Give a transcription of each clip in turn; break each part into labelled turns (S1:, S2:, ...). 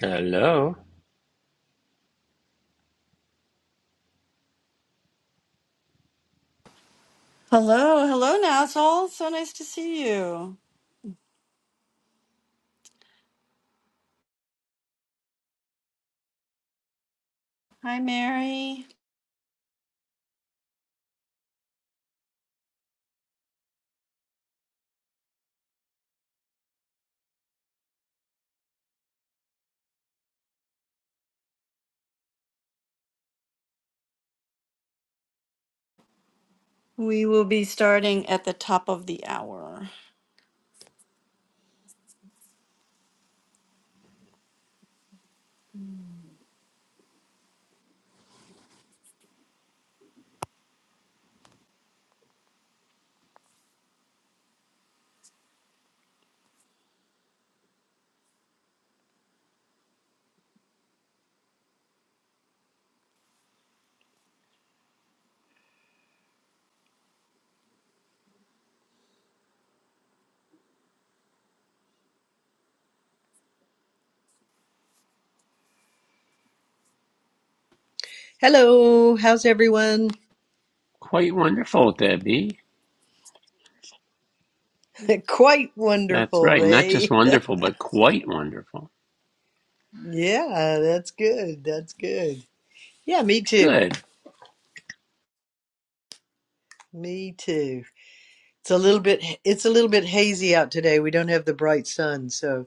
S1: Hello.
S2: Hello, hello, Nassal. So nice to see you. Hi, Mary. We will be starting at the top of the hour.
S3: Hello, how's everyone?
S1: Quite wonderful, Debbie.
S3: Quite
S1: That's
S3: wonderful,
S1: right. Not just
S3: Ray.
S1: wonderful, but quite wonderful.
S3: Yeah, that's good. That's good. Yeah, me too.
S1: Good.
S3: Me too. It's a little bit it's a little bit hazy out today. We don't have the bright sun, so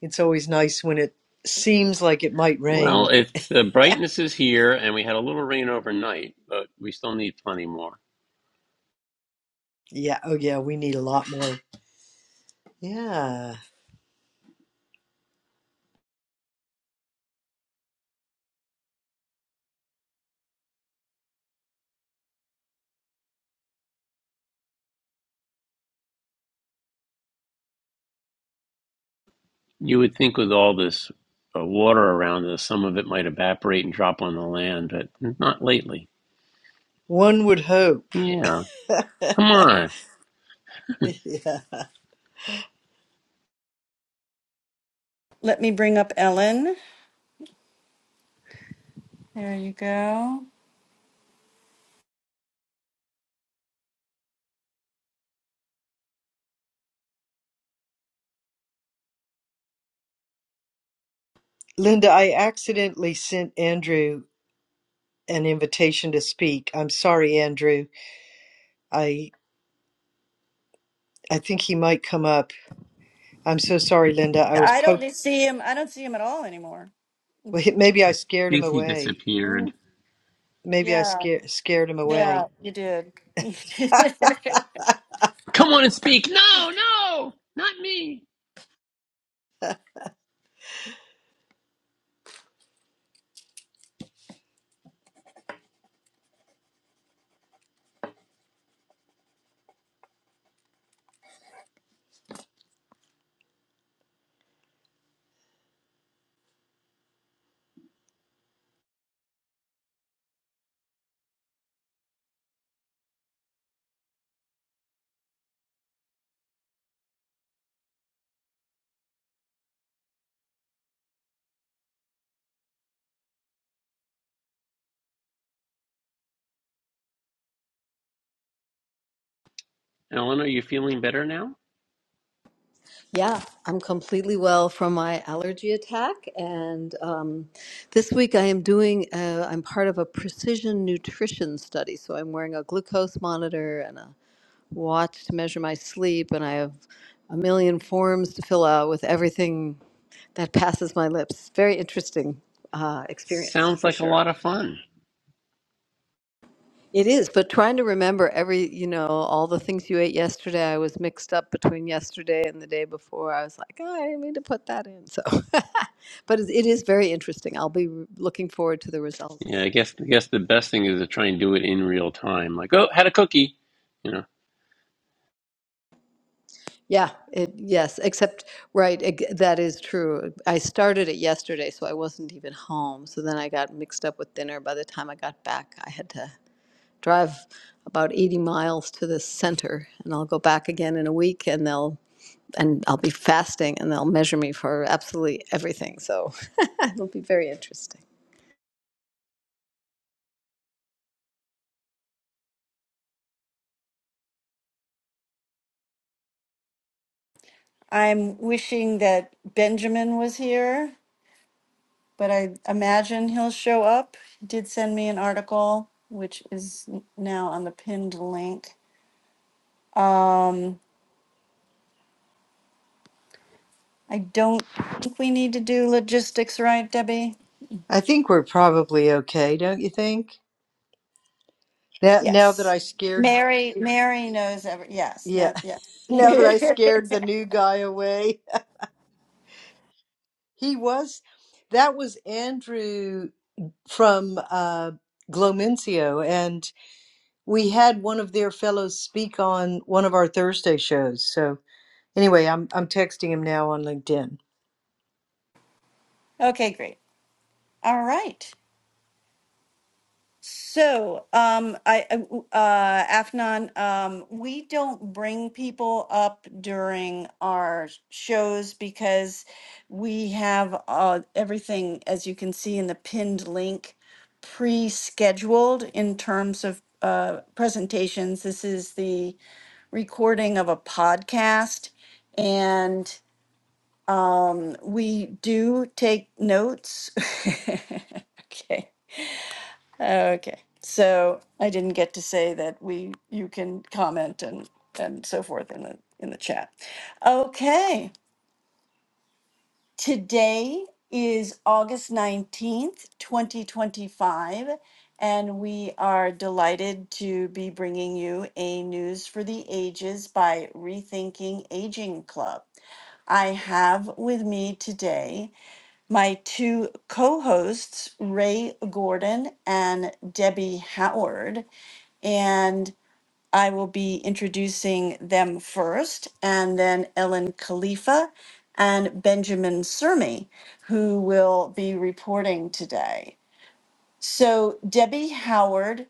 S3: it's always nice when it seems like it might
S1: Well,
S3: rain.
S1: if the brightness is here and we had a little rain overnight, but we still need plenty more.
S3: Yeah, oh yeah, we need a lot more. Yeah.
S1: You would think with all this uh, water around us, some of it might evaporate and drop on the land, but not lately.
S3: One would hope.
S1: Yeah. Come on.
S3: yeah.
S2: Let me bring up Ellen. There you go.
S3: Linda, I accidentally sent Andrew an invitation to speak. I'm sorry, Andrew. I I think he might come up. I'm so sorry, Linda. I was
S2: I don't
S3: poked.
S2: see him. I don't see him at all anymore.
S3: Well, he- Maybe I
S1: I
S3: scared him
S1: think he
S3: away.
S1: disappeared.
S2: Mm.
S3: Maybe I
S2: Yeah,
S3: scared scared him
S2: yeah,
S3: away.
S2: you did.
S1: Come on and speak. No, no, not me. Eleanor, you feeling better now?
S4: Yeah, I'm completely well from my allergy attack. And um, this week I am doing, uh, I'm part of a precision nutrition study. So I'm wearing a glucose monitor and a watch to measure my sleep. And I have a million forms to fill out with everything that passes my lips. Very interesting uh, experience
S1: Sounds
S4: for
S1: like a
S4: sure.
S1: lot of fun.
S4: It is, but trying to remember every, you know, all the things you ate yesterday, I was mixed up between yesterday and the day before. I was like, oh, I didn't mean to put that in. So, but it it is very interesting. I'll be r- looking forward to the
S1: Yeah,
S4: results.
S1: I guess I guess the best thing is to try and do it in real time. Like, oh, had a cookie. You know,
S4: Yeah, it, yes, except, right, eg- that is true. I started it yesterday, so I wasn't even home. So then I got mixed up with dinner. By the time I got back, I had to drive about 80 miles to the center, and I'll go back again in a week, and they'll and I'll be fasting and they'll measure me for absolutely everything. So it'll be very interesting.
S2: I'm wishing that Benjamin was here, but I imagine he'll show up. He did send me an article, which is n- now on the pinned link. Um, I don't think we need to do logistics, right, Debbie?
S3: I think we're probably okay, don't you think? Now, now that
S2: Yes.
S3: I scared,
S2: Mary, Mary knows every, yes,
S3: yeah,
S2: now, yes.
S3: now that I scared the new guy away, he was. That was Andrew from uh, Glomencio, and we had one of their fellows speak on one of our Thursday shows. So anyway, I'm I'm texting him now on LinkedIn.
S2: Okay, great. All right. So, um, I, I- uh, Afnan, um, we don't bring people up during our shows because we have, uh, everything, as you can see in the pinned link, pre-scheduled in terms of, uh, presentations. This is the, recording of a podcast and um, we do take notes. okay. Okay. So I didn't get to say that we you can comment and and so forth in the in the chat. Okay. Today is August 19th, 2025, and we are delighted to be bringing you a News for the Ages by Rethinking Aging Club. I have with me today my two co hosts, Ray Gordon and Debbie Howard. And I will be introducing them first, and then Ellen Khalifa and Benjamin Surmi, who will be reporting today. So, Debbie Howard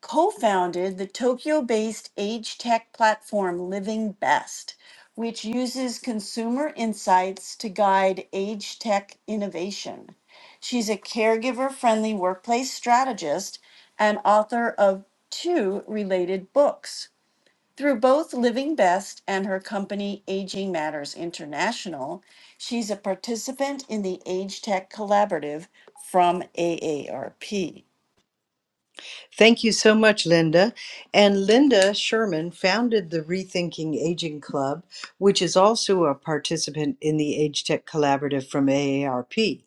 S2: co founded the Tokyo based age tech platform Living Best, which uses consumer insights to guide age tech innovation. She's a caregiver friendly workplace strategist and author of two related books. Through both Living Best and her company Aging Matters International, she's a participant in the Age Tech Collaborative from AARP.
S3: Thank you so much, Linda. And Linda Sherman founded the Rethinking Aging Club, which is also a participant in the Age Tech Collaborative from AARP.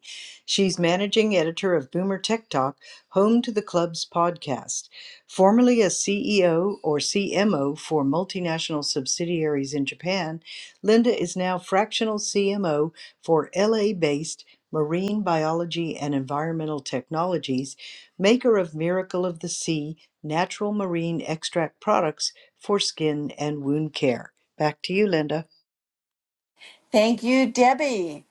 S3: She's managing editor of Boomer Tech Talk, home to the club's podcast. Formerly a CEO or CMO for multinational subsidiaries in Japan, Linda is now fractional CMO for LA based Marine Biology and Environmental Technologies maker of Miracle of the Sea natural marine extract products for skin and wound care. Back to you, Linda.
S2: Thank you, Debbie.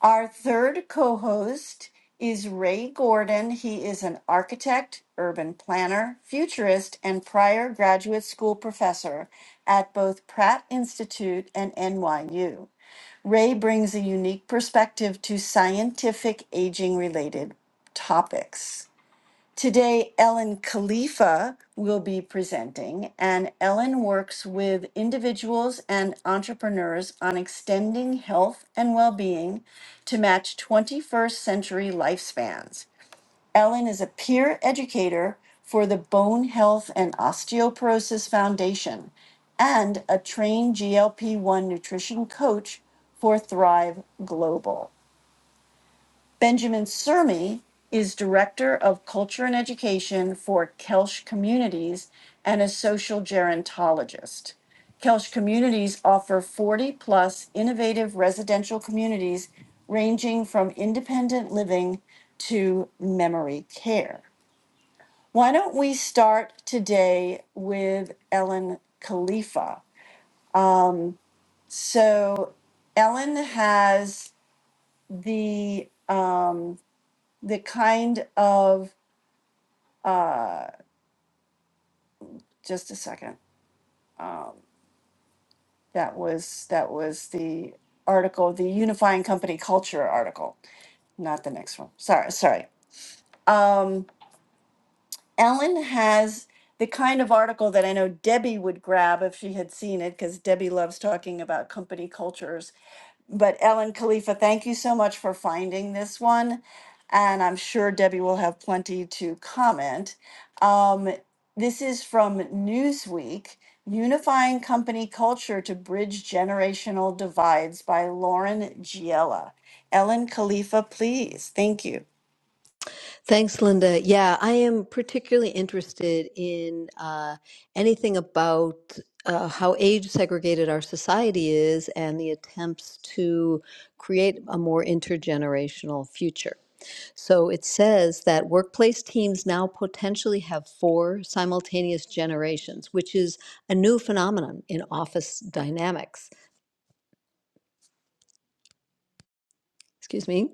S2: Our third co host is Ray Gordon. He is an architect, urban planner, futurist, and prior graduate school professor at both Pratt Institute and NYU. Ray brings a unique perspective to scientific aging related topics. Today, Ellen Khalifa will be presenting, and Ellen works with individuals and entrepreneurs on extending health and well being to match 21st century lifespans. Ellen is a peer educator for the Bone Health and Osteoporosis Foundation and a trained GLP 1 nutrition coach for Thrive Global. Benjamin Sermi is Director of Culture and Education for Kelsch Communities and a social gerontologist. Kelsch Communities offer 40 plus innovative residential communities ranging from independent living to memory care. Why don't we start today with Ellen Khalifa? So, Ellen has the um, the kind of just a second. That was that was the article, the unifying company culture article, not the next one. Sorry, sorry. Um, Ellen has the kind of article that I know Debbie would grab if she had seen it, because Debbie loves talking about company cultures But Ellen Khalifa, thank you so much for finding this one. And I'm sure Debbie will have plenty to comment. Um, this is from Newsweek Unifying Company Culture to Bridge Generational Divides by Lauren Giella. Ellen Khalifa, please. Thank you.
S4: Thanks, Linda. Yeah, I am particularly interested in uh, anything about uh, how age segregated our society is and the attempts to create a more intergenerational future. So it says that workplace teams now potentially have four simultaneous generations, which is a new phenomenon in office dynamics. excuse me,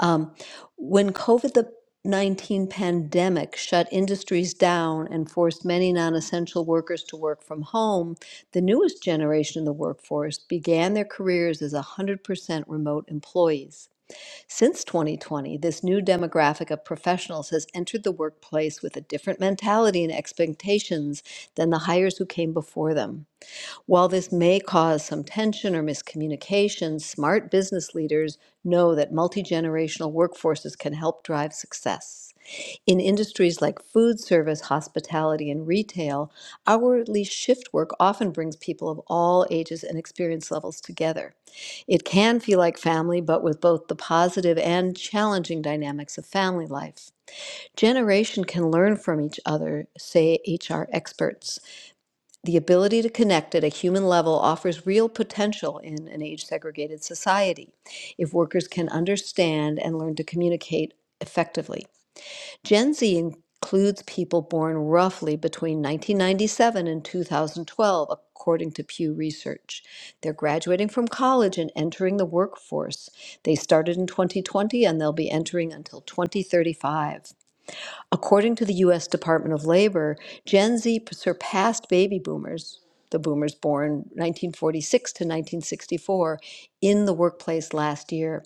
S4: um, when COVID the 19 pandemic shut industries down and forced many non essential workers to work from home, the newest generation of the workforce began their careers as 100% remote employees. Since 2020, this new demographic of professionals has entered the workplace with a different mentality and expectations than the hires who came before them. While this may cause some tension or miscommunication, smart business leaders know that multi generational workforces can help drive success. In industries like food service, hospitality, and retail, hourly shift work often brings people of all ages and experience levels together. It can feel like family, but with both the positive and challenging dynamics of family life. Generation can learn from each other, say HR experts. The ability to connect at a human level offers real potential in an age segregated society if workers can understand and learn to communicate effectively. Gen Z includes people born roughly between 1997 and 2012, according to Pew Research. They're graduating from college and entering the workforce. They started in 2020 and they'll be entering until 2035. According to the US Department of Labor, Gen Z surpassed baby boomers, the boomers born 1946 to 1964, in the workplace last year.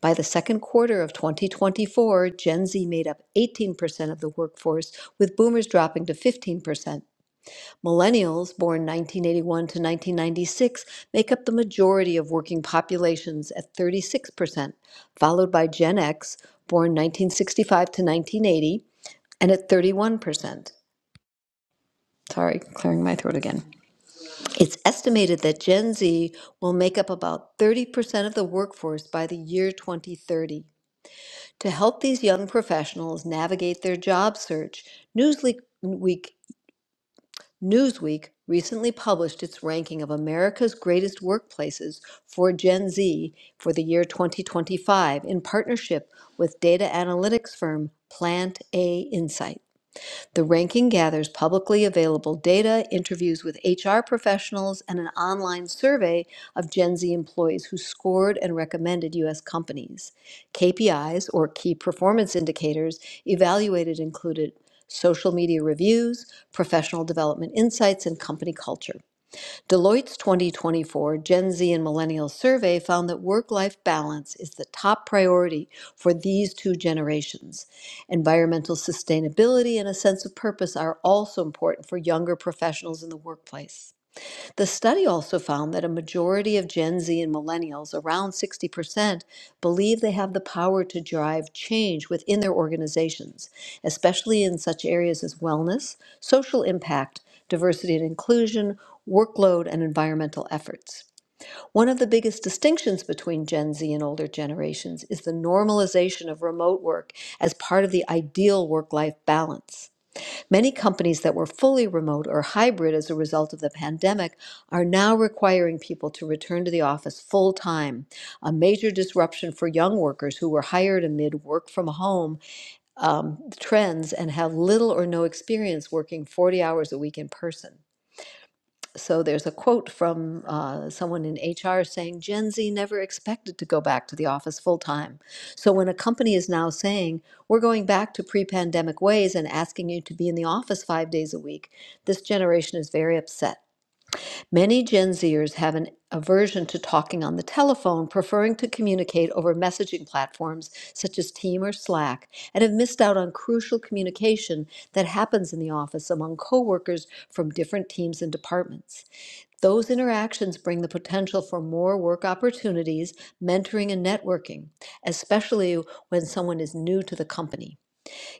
S4: By the second quarter of 2024, Gen Z made up 18% of the workforce, with boomers dropping to 15%. Millennials, born 1981 to 1996, make up the majority of working populations at 36%, followed by Gen X, born 1965 to 1980, and at 31%. Sorry, clearing my throat again. It's estimated that Gen Z will make up about 30% of the workforce by the year 2030. To help these young professionals navigate their job search, Newsweek, Week- Newsweek recently published its ranking of America's greatest workplaces for Gen Z for the year 2025 in partnership with data analytics firm Plant A Insights. The ranking gathers publicly available data, interviews with HR professionals, and an online survey of Gen Z employees who scored and recommended U.S. companies. KPIs, or key performance indicators, evaluated included social media reviews, professional development insights, and company culture. Deloitte's 2024 Gen Z and Millennial survey found that work life balance is the top priority for these two generations. Environmental sustainability and a sense of purpose are also important for younger professionals in the workplace. The study also found that a majority of Gen Z and millennials, around 60%, believe they have the power to drive change within their organizations, especially in such areas as wellness, social impact, diversity and inclusion, workload, and environmental efforts. One of the biggest distinctions between Gen Z and older generations is the normalization of remote work as part of the ideal work life balance. Many companies that were fully remote or hybrid as a result of the pandemic are now requiring people to return to the office full time, a major disruption for young workers who were hired amid work from home trends and have little or no experience working 40 hours a week in person so there's a quote from uh, someone in HR saying Gen Z never expected to go back to the office full time. So when a company is now saying we're going back to pre pandemic ways and asking you to be in the office five days a week, this generation is very upset. Many Gen Zers have an aversion to talking on the telephone, preferring to communicate over messaging platforms such as Team or Slack, and have missed out on crucial communication that happens in the office among coworkers from different teams and departments. Those interactions bring the potential for more work opportunities, mentoring, and networking, especially when someone is new to the company.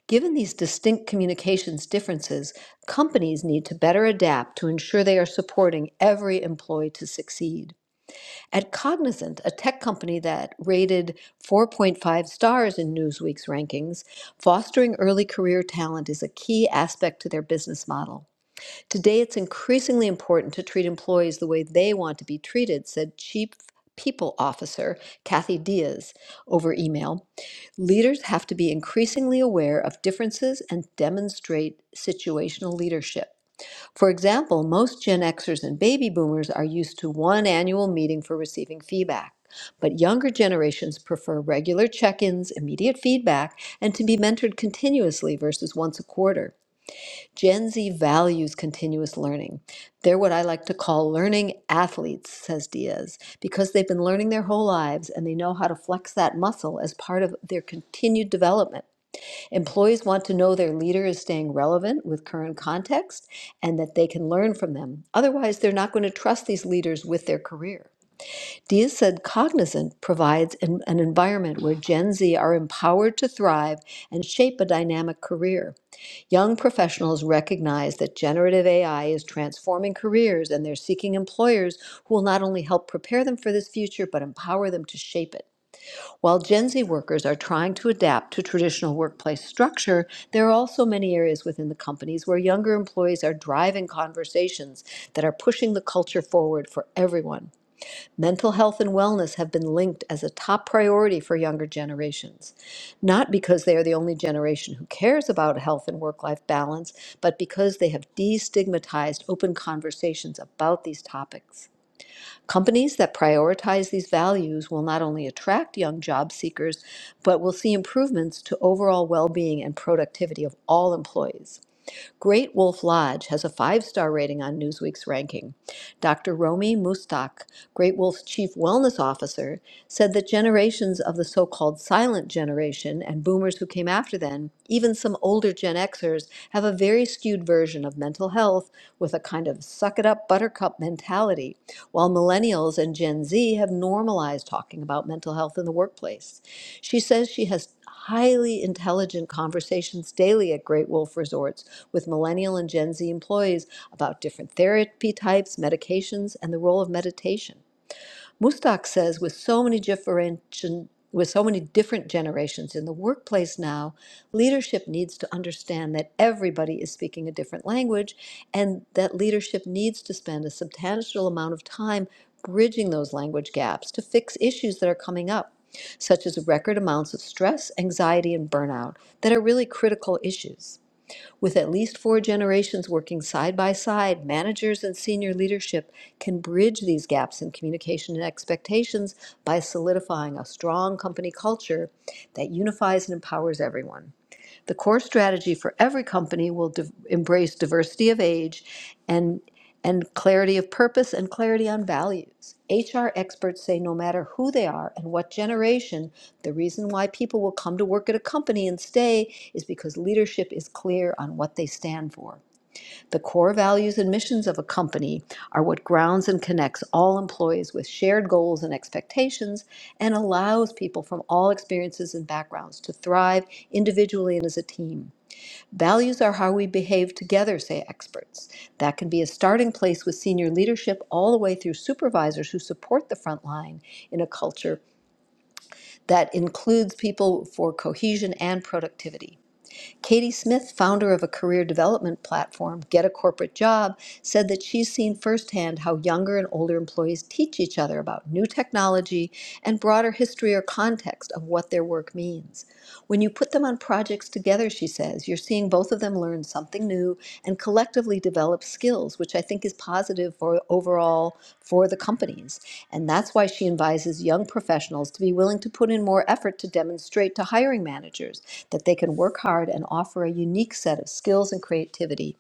S4: Given these distinct communications differences, companies need to better adapt to ensure they are supporting every employee to succeed. At Cognizant, a tech company that rated 4.5 stars in Newsweek's rankings, fostering early career talent is a key aspect to their business model. Today, it's increasingly important to treat employees the way they want to be treated, said Chief People Officer Kathy Diaz over email. Leaders have to be increasingly aware of differences and demonstrate situational leadership. For example, most Gen Xers and baby boomers are used to one annual meeting for receiving feedback. But younger generations prefer regular check ins, immediate feedback, and to be mentored continuously versus once a quarter. Gen Z values continuous learning. They're what I like to call learning athletes, says Diaz, because they've been learning their whole lives and they know how to flex that muscle as part of their continued development. Employees want to know their leader is staying relevant with current context and that they can learn from them. Otherwise, they're not going to trust these leaders with their career. Diaz said Cognizant provides an, an environment where Gen Z are empowered to thrive and shape a dynamic career. Young professionals recognize that generative AI is transforming careers and they're seeking employers who will not only help prepare them for this future, but empower them to shape it. While Gen Z workers are trying to adapt to traditional workplace structure, there are also many areas within the companies where younger employees are driving conversations that are pushing the culture forward for everyone. Mental health and wellness have been linked as a top priority for younger generations, not because they are the only generation who cares about health and work life balance, but because they have destigmatized open conversations about these topics. Companies that prioritize these values will not only attract young job seekers, but will see improvements to overall well being and productivity of all employees. Great Wolf Lodge has a five star rating on Newsweek's ranking. Dr. Romy Mustak, Great Wolf's chief wellness officer, said that generations of the so called silent generation and boomers who came after them, even some older Gen Xers, have a very skewed version of mental health with a kind of suck it up buttercup mentality, while millennials and Gen Z have normalized talking about mental health in the workplace. She says she has highly intelligent conversations daily at Great Wolf Resorts with millennial and Gen Z employees about different therapy types, medications, and the role of meditation. Mustak says with so many differentiation with so many different generations in the workplace now, leadership needs to understand that everybody is speaking a different language and that leadership needs to spend a substantial amount of time bridging those language gaps to fix issues that are coming up, such as record amounts of stress, anxiety, and burnout that are really critical issues. With at least four generations working side by side, managers and senior leadership can bridge these gaps in communication and expectations by solidifying a strong company culture that unifies and empowers everyone. The core strategy for every company will div- embrace diversity of age and and clarity of purpose and clarity on values. HR experts say no matter who they are and what generation, the reason why people will come to work at a company and stay is because leadership is clear on what they stand for. The core values and missions of a company are what grounds and connects all employees with shared goals and expectations and allows people from all experiences and backgrounds to thrive individually and as a team. Values are how we behave together, say experts. That can be a starting place with senior leadership all the way through supervisors who support the front line in a culture that includes people for cohesion and productivity. Katie Smith, founder of a career development platform, Get a Corporate Job, said that she's seen firsthand how younger and older employees teach each other about new technology and broader history or context of what their work means. When you put them on projects together, she says, you're seeing both of them learn something new and collectively develop skills, which I think is positive for overall for the companies. And that's why she advises young professionals to be willing to put in more effort to demonstrate to hiring managers that they can work hard and offer a unique set of skills and creativity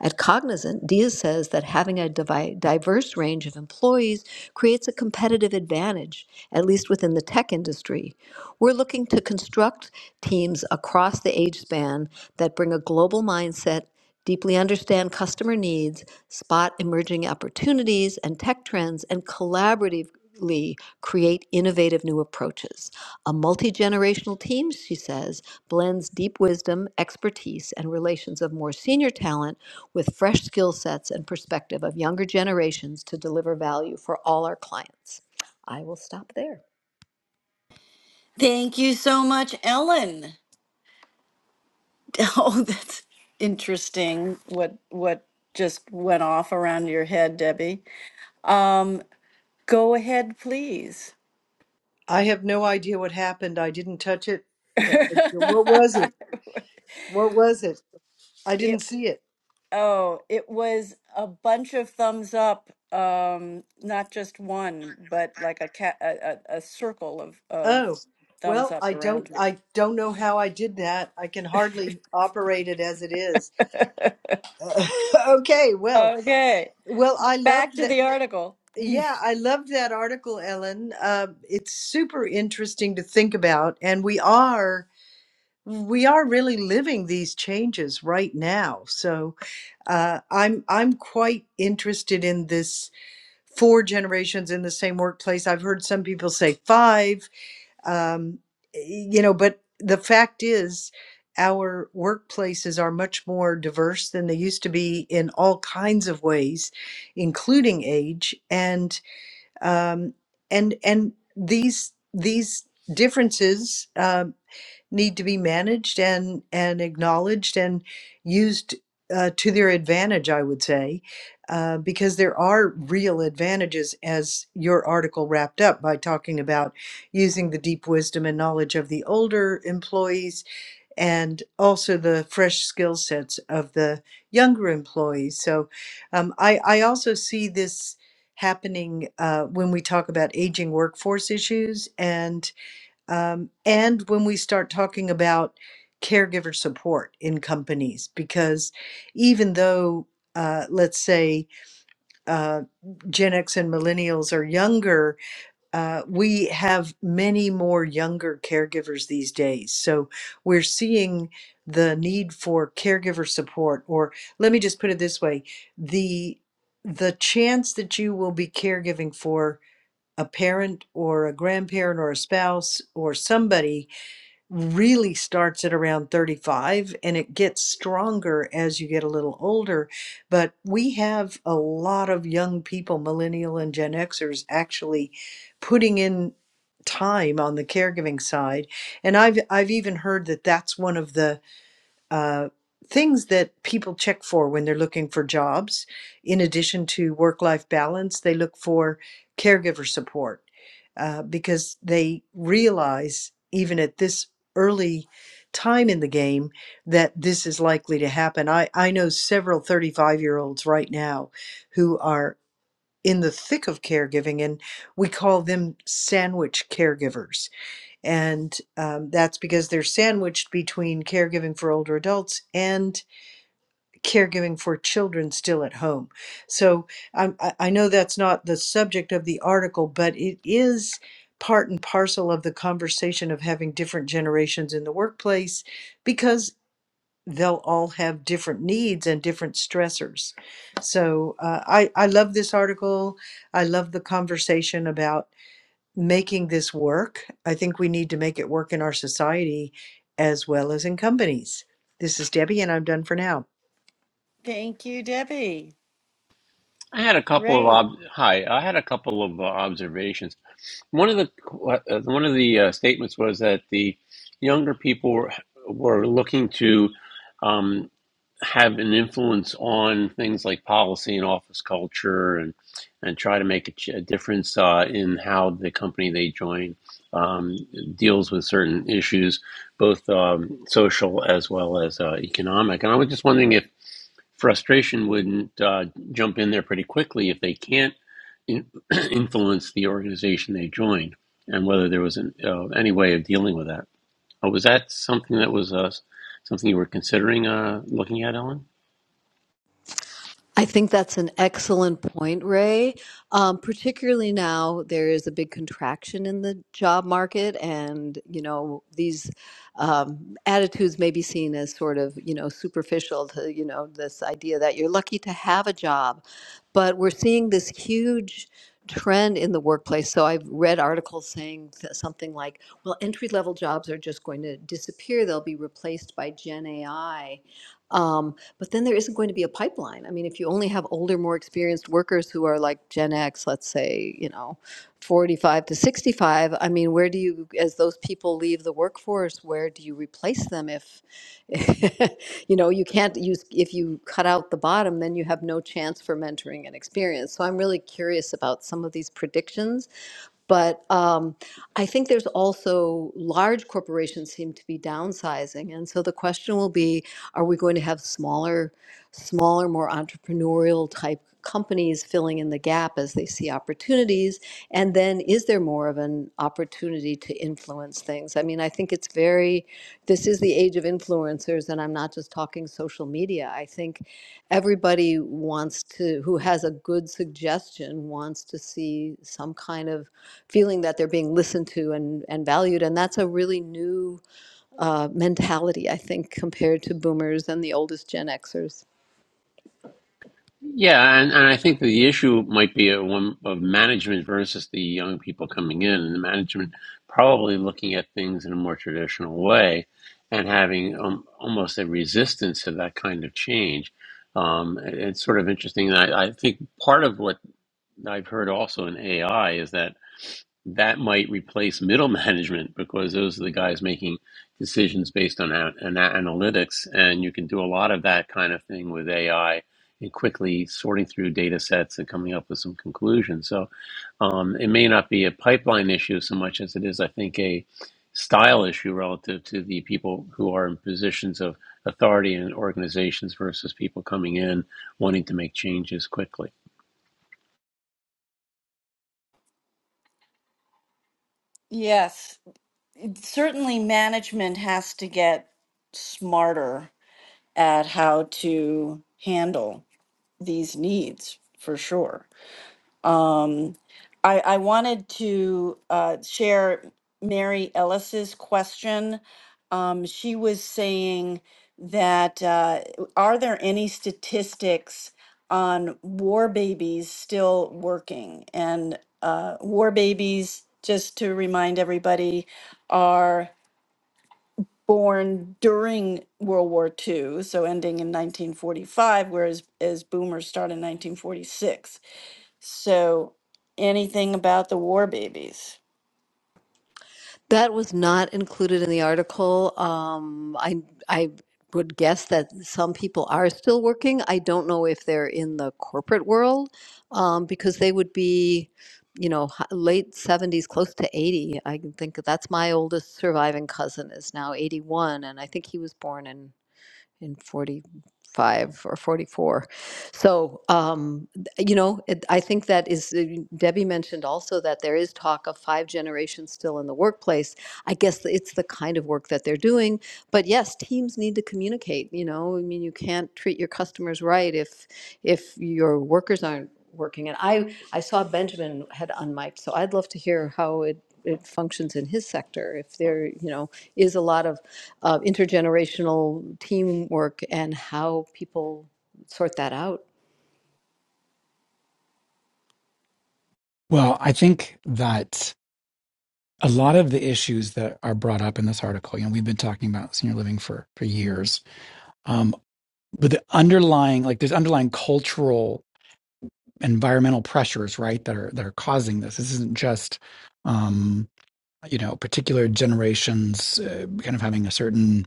S4: at Cognizant, Dia says that having a divi- diverse range of employees creates a competitive advantage, at least within the tech industry. We're looking to construct teams across the age span that bring a global mindset, deeply understand customer needs, spot emerging opportunities and tech trends, and collaborative Lee create innovative new approaches. A multi generational team, she says, blends deep wisdom, expertise, and relations of more senior talent with fresh skill sets and perspective of younger generations to deliver value for all our clients. I will stop there.
S2: Thank you so much, Ellen. Oh, that's interesting. What what just went off around your head, Debbie? Um, go ahead, please.
S3: I have no idea what happened. I didn't touch it. Uh, uh, What was it? What was it? I didn't
S2: It
S3: see it.
S2: oh, it was a bunch of thumbs up, um, not just one, but like a cat, a, a, a circle of of
S3: Oh,
S2: thumbs
S3: well,
S2: up
S3: I don't.
S2: around you.
S3: I don't know how I did that. I can hardly operate it as it is. okay. Well,
S2: Okay,
S3: well, I
S2: back
S3: loved
S2: to
S3: that.
S2: the article.
S3: Yeah, I loved that article, Ellen. Um, it's super interesting to think about, and we are we are really living these changes right now. So uh, I'm I'm quite interested in this four generations in the same workplace. I've heard some people say five, um, you know, but the fact is our workplaces are much more diverse than they used to be in all kinds of ways, including age and um, and and these these differences. uh, need to be managed and and acknowledged and used uh, to their advantage, I would say, uh, because there are real advantages, as your article wrapped up by talking about using the deep wisdom and knowledge of the older employees and also the fresh skill sets of the younger employees. So um, I, I also see this happening uh, when we talk about aging workforce issues and um, and when we start talking about caregiver support in companies, because even though uh, let's say uh, Gen X and millennials are younger. Uh, we have many more younger caregivers these days. So we're seeing the need for caregiver support, or let me just put it this way the, the chance that you will be caregiving for a parent or a grandparent or a spouse or somebody really starts at around 35 and it gets stronger as you get a little older. But we have a lot of young people, millennial and Gen Xers, actually putting in time on the caregiving side. And I've I've even heard that that's one of the uh, things that people check for when they're looking for jobs. In addition to work life balance, they look for caregiver support uh, because they realize, even at this early time in the game, that this is likely to happen. I, I know several 35 year olds right now who are in the thick of caregiving, and we call them sandwich caregivers and um, that's because they're sandwiched between caregiving for older adults and caregiving for children still at home. So um, I, I know that's not the subject of the article, but it is part and parcel of the conversation of having different generations in the workplace because they'll all have different needs and different stressors. So uh, I, I love this article. I love the conversation about making this work. I think we need to make it work in our society as well as in companies. This is Debbie, and I'm done for now.
S2: Thank you, Debbie.
S1: I had a couple of
S2: Ray.
S1: ob- hi, I had a couple of uh, observations. One of the uh, uh, one of the uh, statements was that the younger people were, were looking to. um, have an influence on things like policy and office culture and and try to make a, ch- a difference uh, in how the company they join um, deals with certain issues, both um, social as well as uh, economic. And I was just wondering if frustration wouldn't uh, jump in there pretty quickly if they can't in- influence the organization they joined, and whether there was an, uh, any way of dealing with that. Uh, was that something that was uh, something you were considering uh, looking at, Ellen?
S4: I think that's an excellent point, Ray. Um, particularly now, there is a big contraction in the job market, and you know these um, attitudes may be seen as sort of you know superficial to you know this idea that you're lucky to have a job, but we're seeing this huge trend in the workplace. So I've read articles saying th- something like, "Well, entry level jobs are just going to disappear; they'll be replaced by Gen AI." But then there isn't going to be a pipeline. I mean, if you only have older, more experienced workers who are like Gen X, let's say, you know, 45 to 65, I mean, where do you, as those people leave the workforce, where do you replace them if, you know, you can't use, if you cut out the bottom, then you have no chance for mentoring and experience. So I'm really curious about some of these predictions. But um, I think there's also large corporations seem to be downsizing. And so the question will be, are we going to have smaller? smaller, more entrepreneurial type companies filling in the gap as they see opportunities? And then is there more of an opportunity to influence things? I mean, I think it's very, this is the age of influencers, and I'm not just talking social media. I think everybody wants to, who has a good suggestion, wants to see some kind of feeling that they're being listened to and, and valued. And that's a really new uh, mentality, I think, compared to boomers and the oldest Gen Xers.
S1: Yeah, and, and I think that the issue might be a one of management versus the young people coming in, and the management probably looking at things in a more traditional way and having um, almost a resistance to that kind of change. Um, it- it's sort of interesting. and I, I think part of what I've heard also in AI is that that might replace middle management because those are the guys making decisions based on an, an analytics, and you can do a lot of that kind of thing with AI and quickly sorting through data sets and coming up with some conclusions. So um, it may not be a pipeline issue so much as it is, I think, a style issue relative to the people who are in positions of authority in organizations versus people coming in wanting to make changes quickly.
S2: Yes, it- certainly management has to get smarter at how to handle these needs for sure. Um, I, I wanted to uh, share Mary Ellis's question. Um, she was saying that uh, are there any statistics on war babies still working? And uh, war babies, just to remind everybody, are born during World War II, so ending in 1945, whereas as boomers start in 1946. So, anything about the war babies?
S4: That was not included in the article. Um, I I would guess that some people are still working. I don't know if they're in the corporate world um, because they would be, you know, h- late seventies, close to eighty. I can think that's my oldest surviving cousin is now eighty-one, and I think he was born in in 45 or 44. So, um, th- you know, it, I think that is, uh, Debbie mentioned also that there is talk of five generations still in the workplace. I guess it's the kind of work that they're doing. But yes, teams need to communicate. You know, I mean, you can't treat your customers right if if your workers aren't working. And I, I saw Benjamin had unmiked, so I'd love to hear how it, it functions in his sector. If there, you know, is a lot of uh, intergenerational teamwork and how people sort that out.
S5: Well, I think that a lot of the issues that are brought up in this article, you know, we've been talking about senior living for for years, um, but the underlying, like, there's underlying cultural, environmental pressures, right, that are that are causing this. This isn't just, um, you know, particular generations uh, kind of having a certain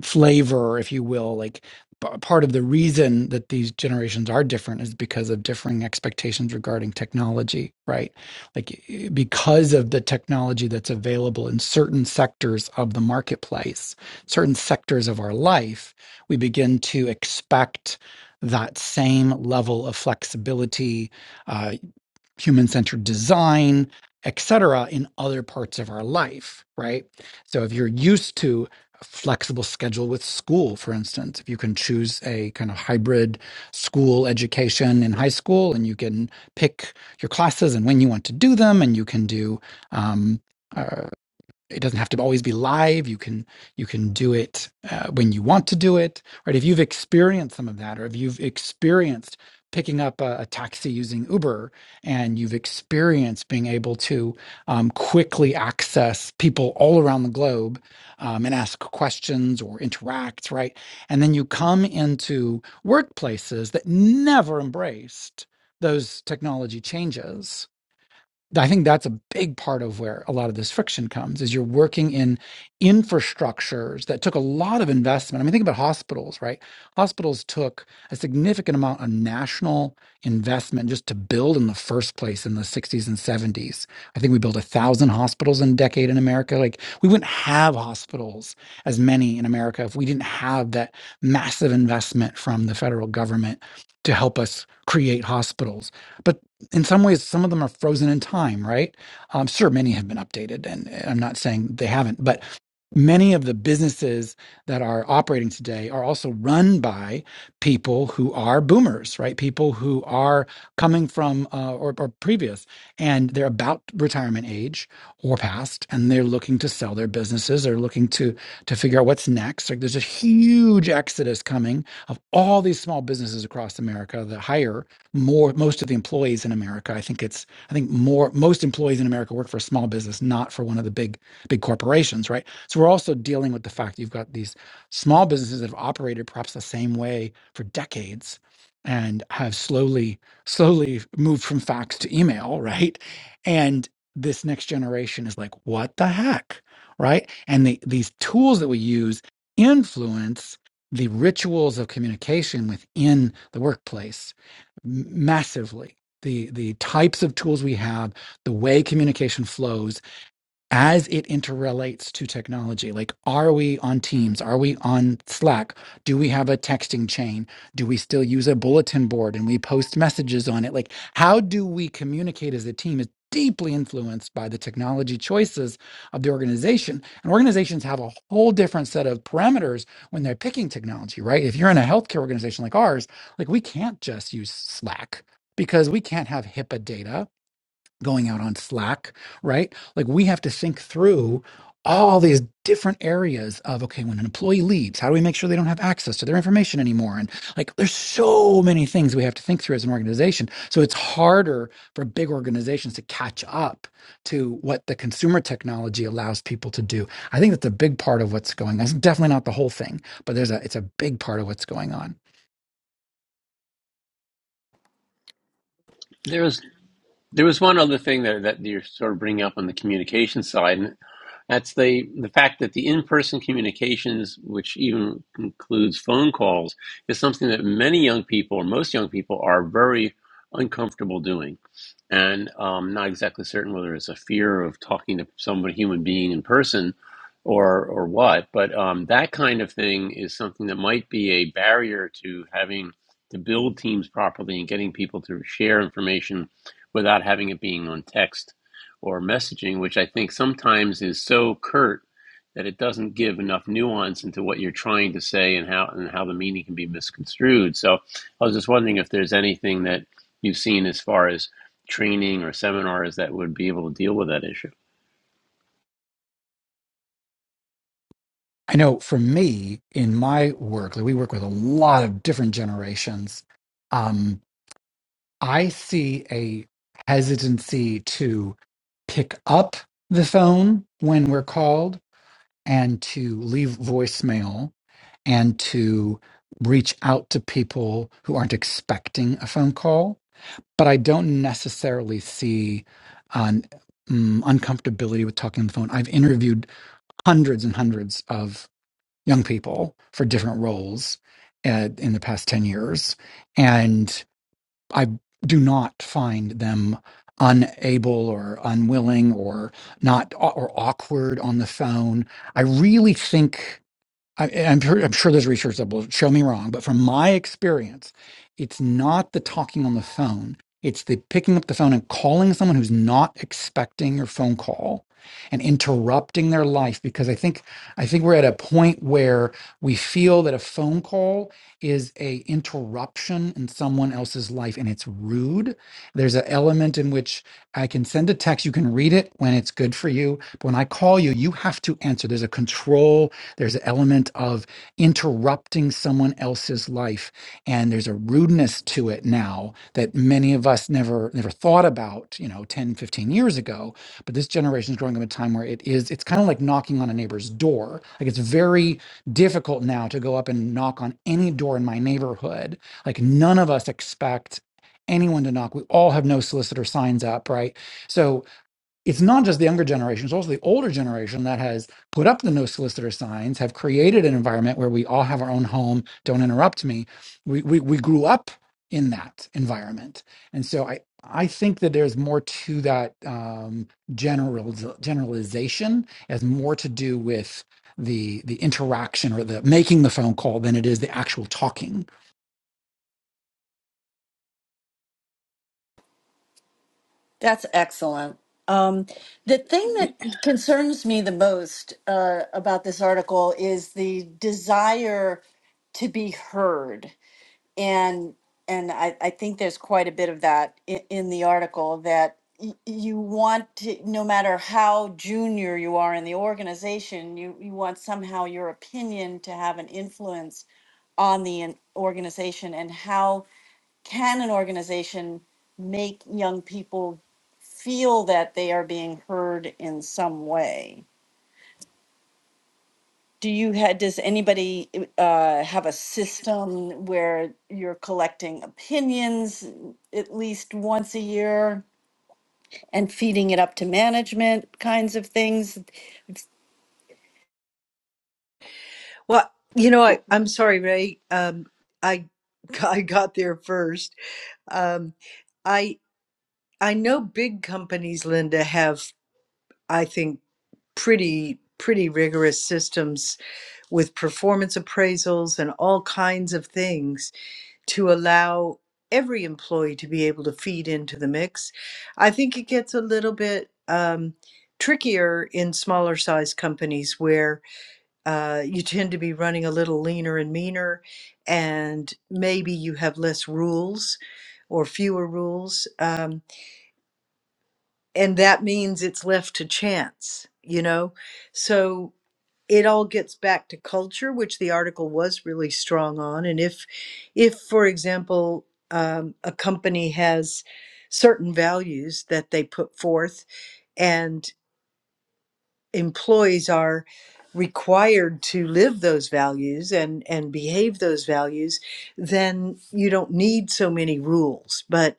S5: flavor, if you will. Like p- part of the reason that these generations are different is because of differing expectations regarding technology, right? Like eh, because of the technology that's available in certain sectors of the marketplace, certain sectors of our life, we begin to expect that same level of flexibility uh, human centered design, etc., in other parts of our life, right? So if you're used to a flexible schedule with school, for instance, if you can choose a kind of hybrid school education in high school and you can pick your classes and when you want to do them, and you can do um, uh, it doesn't have to always be live you can you can do it uh, when you want to do it right if you've experienced some of that or if you've experienced picking up a, a taxi using uber and you've experienced being able to um, quickly access people all around the globe um, and ask questions or interact right and then you come into workplaces that never embraced those technology changes I think that's a big part of where a lot of this friction comes is you're working in infrastructures that took a lot of investment. I mean, think about hospitals, right? Hospitals took a significant amount of national investment just to build in the first place in the 60s and 70s. I think we built a thousand hospitals in a decade in America. Like we wouldn't have hospitals as many in America if we didn't have that massive investment from the federal government to help us create hospitals but in some ways, some of them are frozen in time, right? Um, sure, many have been updated, and I'm not saying they haven't, but many of the businesses that are operating today are also run by people who are boomers, right? People who are coming from uh, or, or previous, and they're about retirement age or past, and they're looking to sell their businesses. They're looking to to figure out what's next. Like, there's a huge exodus coming of all these small businesses across America that hire more most of the employees in America. I think it's I think more most employees in America work for a small business, not for one of the big big corporations, right? So we're also dealing with the fact you've got these small businesses that have operated perhaps the same way for decades and have slowly slowly moved from fax to email, right? And this next generation is like, what the heck? Right? And the, these tools that we use influence the rituals of communication within the workplace massively the the types of tools we have the way communication flows as it interrelates to technology. Like, are we on Teams? Are we on Slack? Do we have a texting chain? Do we still use a bulletin board and we post messages on it? Like, how do we communicate as a team is deeply influenced by the technology choices of the organization. And organizations have a whole different set of parameters when they're picking technology, right? If you're in a healthcare organization like ours, like we can't just use Slack because we can't have HIPAA data going out on Slack, right? Like we have to think through all these different areas of okay, when an employee leaves, how do we make sure they don't have access to their information anymore? And like there's so many things we have to think through as an organization. So it's harder for big organizations to catch up to what the consumer technology allows people to do. I think that's a big part of what's going on. It's definitely not the whole thing, but there's a it's a big part of what's going on.
S1: There's There was one other thing there that you're sort of bringing up on the communication side, and that's the the fact that the in-person communications, which even includes phone calls, is something that many young people, or most young people, are very uncomfortable doing, and um, not exactly certain whether it's a fear of talking to some human being in person, or or what. But um, that kind of thing is something that might be a barrier to having to build teams properly and getting people to share information without having it being on text or messaging, which I think sometimes is so curt that it doesn't give enough nuance into what you're trying to say and how and how the meaning can be misconstrued. So I was just wondering if there's anything that you've seen as far as training or seminars that would be able to deal with that issue.
S5: I know for me in my work, like we work with a lot of different generations. Um, I see a hesitancy to pick up the phone when we're called and to leave voicemail and to reach out to people who aren't expecting a phone call. But I don't necessarily see an um, uncomfortability with talking on the phone. I've interviewed hundreds and hundreds of young people for different roles uh, in the past 10 years. And I do not find them unable or unwilling or not or awkward on the phone. I really think. I, I'm, sure, I'm sure there's research that will show me wrong, but from my experience, it's not the talking on the phone. It's the picking up the phone and calling someone who's not expecting your phone call and interrupting their life because I think I think we're at a point where we feel that a phone call is a interruption in someone else's life and it's rude. There's an element in which I can send a text, you can read it when it's good for you, but when I call you, you have to answer. There's a control there's an element of interrupting someone else's life, and there's a rudeness to it now that many of us never never thought about, you know, 10, 15 years ago. But this generation is growing up in a time where it is, it's kind of like knocking on a neighbor's door. Like it's very difficult now to go up and knock on any door in my neighborhood. Like none of us expect anyone to knock. We all have no solicitor signs up, right? So it's not just the younger generation, it's also the older generation that has put up the no solicitor signs, have created an environment where we all have our own home, don't interrupt me. We we, we grew up in that environment. And so I I think that there's more to that um, general generalization as more to do with the the interaction or the making the phone call than it is the actual talking
S2: That's excellent. Um, the thing that concerns me the most uh, about this article is the desire to be heard, and and I, I think there's quite a bit of that in, in the article that y- you want to, no matter how junior you are in the organization, you you want somehow your opinion to have an influence on the in- organization and how can an organization make young people feel that they are being heard in some way? Do you ha does anybody uh, have a system where you're collecting opinions at least once a year and feeding it up to management kinds of things?
S3: Well, you know, I,
S1: Well,
S3: I'm sorry, Ray. Um, I I got there first. Um, I I know big companies, Linda, have I think pretty pretty rigorous systems with performance appraisals and all kinds of things to allow every employee to be able to feed into the mix. I think it gets a little bit um, trickier in smaller size companies where uh, you tend to be running a little leaner and meaner, and maybe you have less rules or fewer rules. Um, and that means it's left to chance, you know? So it all gets back to culture, which the article was really strong on. And if, if for example, um, a company has certain values that they put forth, and employees are required to live those values and and behave those values, then you don't need so many rules. But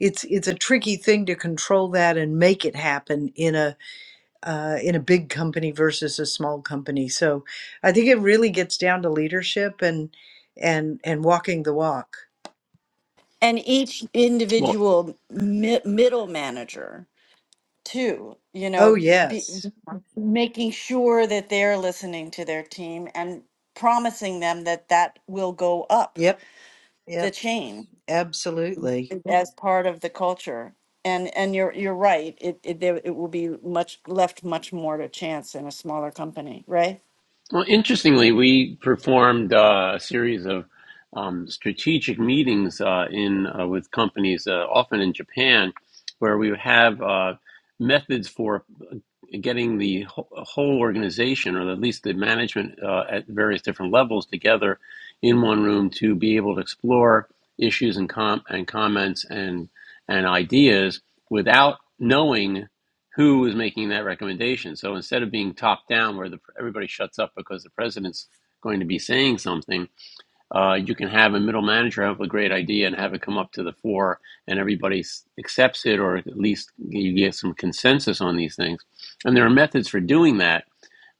S3: it's it's a tricky thing to control that and make it happen in a uh, in a big company versus a small company. So I think it really gets down to leadership and and and walking the walk.
S2: And each
S1: well,
S2: individual mi- middle manager too you
S3: Oh
S2: know be,
S3: yes.
S2: making sure that they're listening to their team and promising them that that will go up
S3: Yep.
S2: the
S3: Yep.
S2: chain
S3: Absolutely.
S2: as part of the culture and and you're you're right it it, there, it will be much left much more to chance in a smaller company right
S1: well, interestingly, we performed uh, a series of um, strategic meetings uh, in uh, with companies, uh, often in Japan, where we would have uh, methods for getting the whole organization, or at least the management uh, at various different levels, together in one room to be able to explore issues and com- and comments and and ideas without knowing who is making that recommendation. So instead of being top down, where the, everybody shuts up because the president's going to be saying something, uh, you can have a middle manager have a great idea and have it come up to the fore, and everybody accepts it, or at least you get some consensus on these things. And there are methods for doing that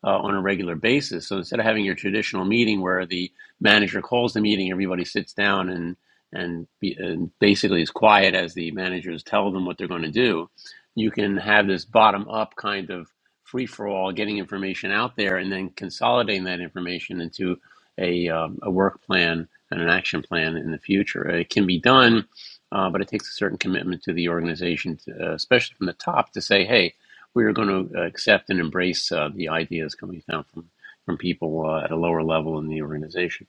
S1: uh, on a regular basis. So instead of having your traditional meeting where the manager calls the meeting, everybody sits down and and, be, and basically is quiet as the managers tell them what they're going to do, you can have this bottom up kind of free for all, getting information out there and then consolidating that information into a, um, a work plan and an action plan in the future. Uh, It can be done, uh, but it takes a certain commitment to the organization, to, uh, especially from the top, to say, hey, we are going to accept and embrace uh, the ideas coming down from from people uh, at a lower level in the organization.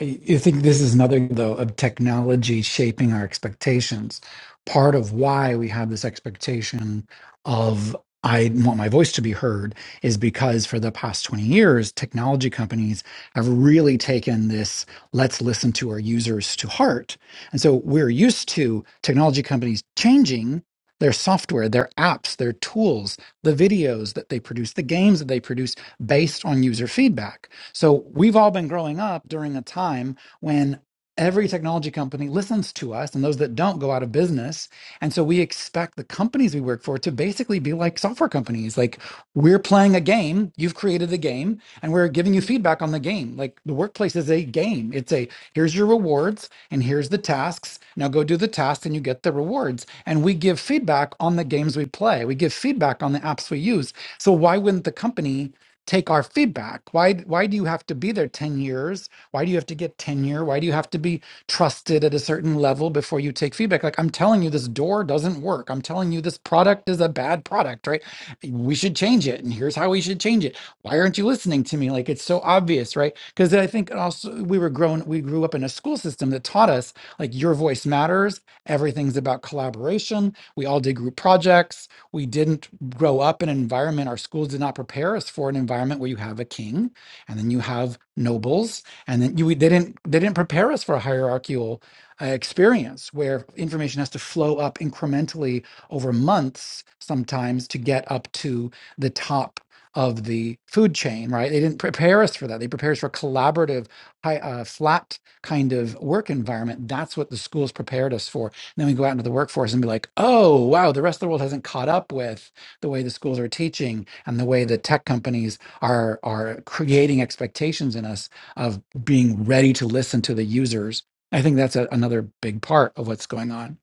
S5: I I think this is another though of technology shaping our expectations. Part of why we have this expectation of I want my voice to be heard is because for the past 20 years, technology companies have really taken this let's listen to our users to heart. And so we're used to technology companies changing their software, their apps, their tools, the videos that they produce, the games that they produce based on user feedback. So we've all been growing up during a time when every technology company listens to us and those that don't go out of business. And so we expect the companies we work for to basically be like software companies. Like we're playing a game, you've created a game, and we're giving you feedback on the game. Like the workplace is a game. It's a here's your rewards and here's the tasks. Now go do the tasks and you get the rewards. And we give feedback on the games we play. We give feedback on the apps we use. So why wouldn't the company? take our feedback why why do you have to be there 10 years why do you have to get tenure why do you have to be trusted at a certain level before you take feedback like i'm telling you this door doesn't work i'm telling you this product is a bad product right we should change it and here's how we should change it why aren't you listening to me like it's so obvious right because i think also we were grown we grew up in a school system that taught us like your voice matters everything's about collaboration we all did group projects we didn't grow up in an environment, our schools did not prepare us for an environment where you have a king and then you have nobles, and then you, they, didn't, they didn't prepare us for a hierarchical uh, experience where information has to flow up incrementally over months sometimes to get up to the top of the food chain, right? They didn't prepare us for that. They prepared us for a collaborative, high, uh, flat kind of work environment. That's what the schools prepared us for then we go out into the workforce and be like, oh, wow, the rest of the world hasn't caught up with the way the schools are teaching and the way the tech companies are are creating expectations in us of being ready to listen to the users. I think that's a, another big part of what's going on.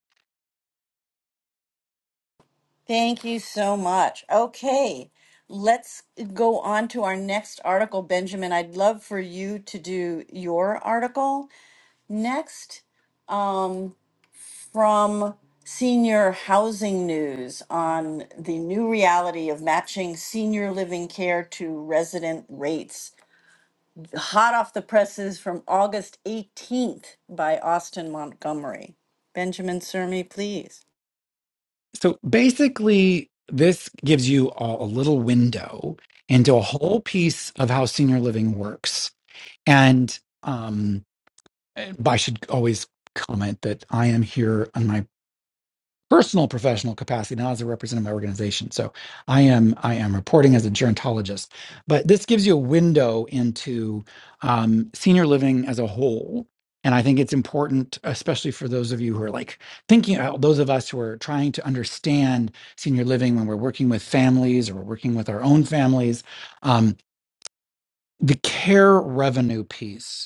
S2: thank you so much okay let's go on to our next article benjamin i'd love for you to do your article next Um. from Senior Housing News on the new reality of matching senior living care to resident rates. Hot off the presses from August 18th by Austin Montgomery. Benjamin Sermi, please.
S5: So basically, this gives you all a little window into a whole piece of how senior living works. And um, eh, I should always comment that I am here on my personal professional capacity, not as a representative of my organization. So I am I am reporting as a gerontologist, but this gives you a window into um, senior living as a whole. And I think it's important, especially for those of you who are like thinking, uh, those of us who are trying to understand senior living when we're working with families or we're working with our own families, um, the care revenue piece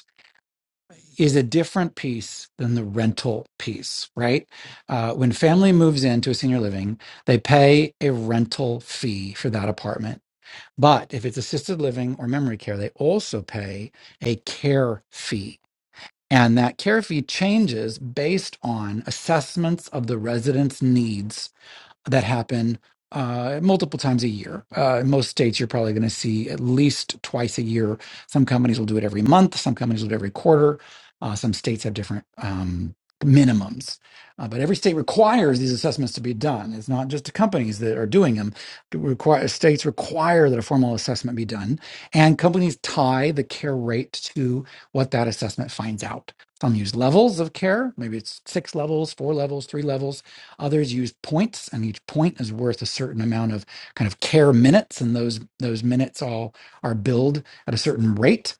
S5: is a different piece than the rental piece, right? Uh, when family moves into a senior living, they pay a rental fee for that apartment. But if it's assisted living or memory care, they also pay a care fee. And that care fee changes based on assessments of the resident's needs that happen uh, multiple times a year. Uh, in most states, you're probably going to see at least twice a year. Some companies will do it every month. Some companies will do it every quarter. Uh, some states have different um, minimums, uh, but every state requires these assessments to be done. It's not just the companies that are doing them. It Require, states require that a formal assessment be done, and companies tie the care rate to what that assessment finds out. Some use levels of care. Maybe it's six levels, four levels, three levels Others use points, and each point is worth a certain amount of kind of care minutes, and those those minutes all are billed at a certain rate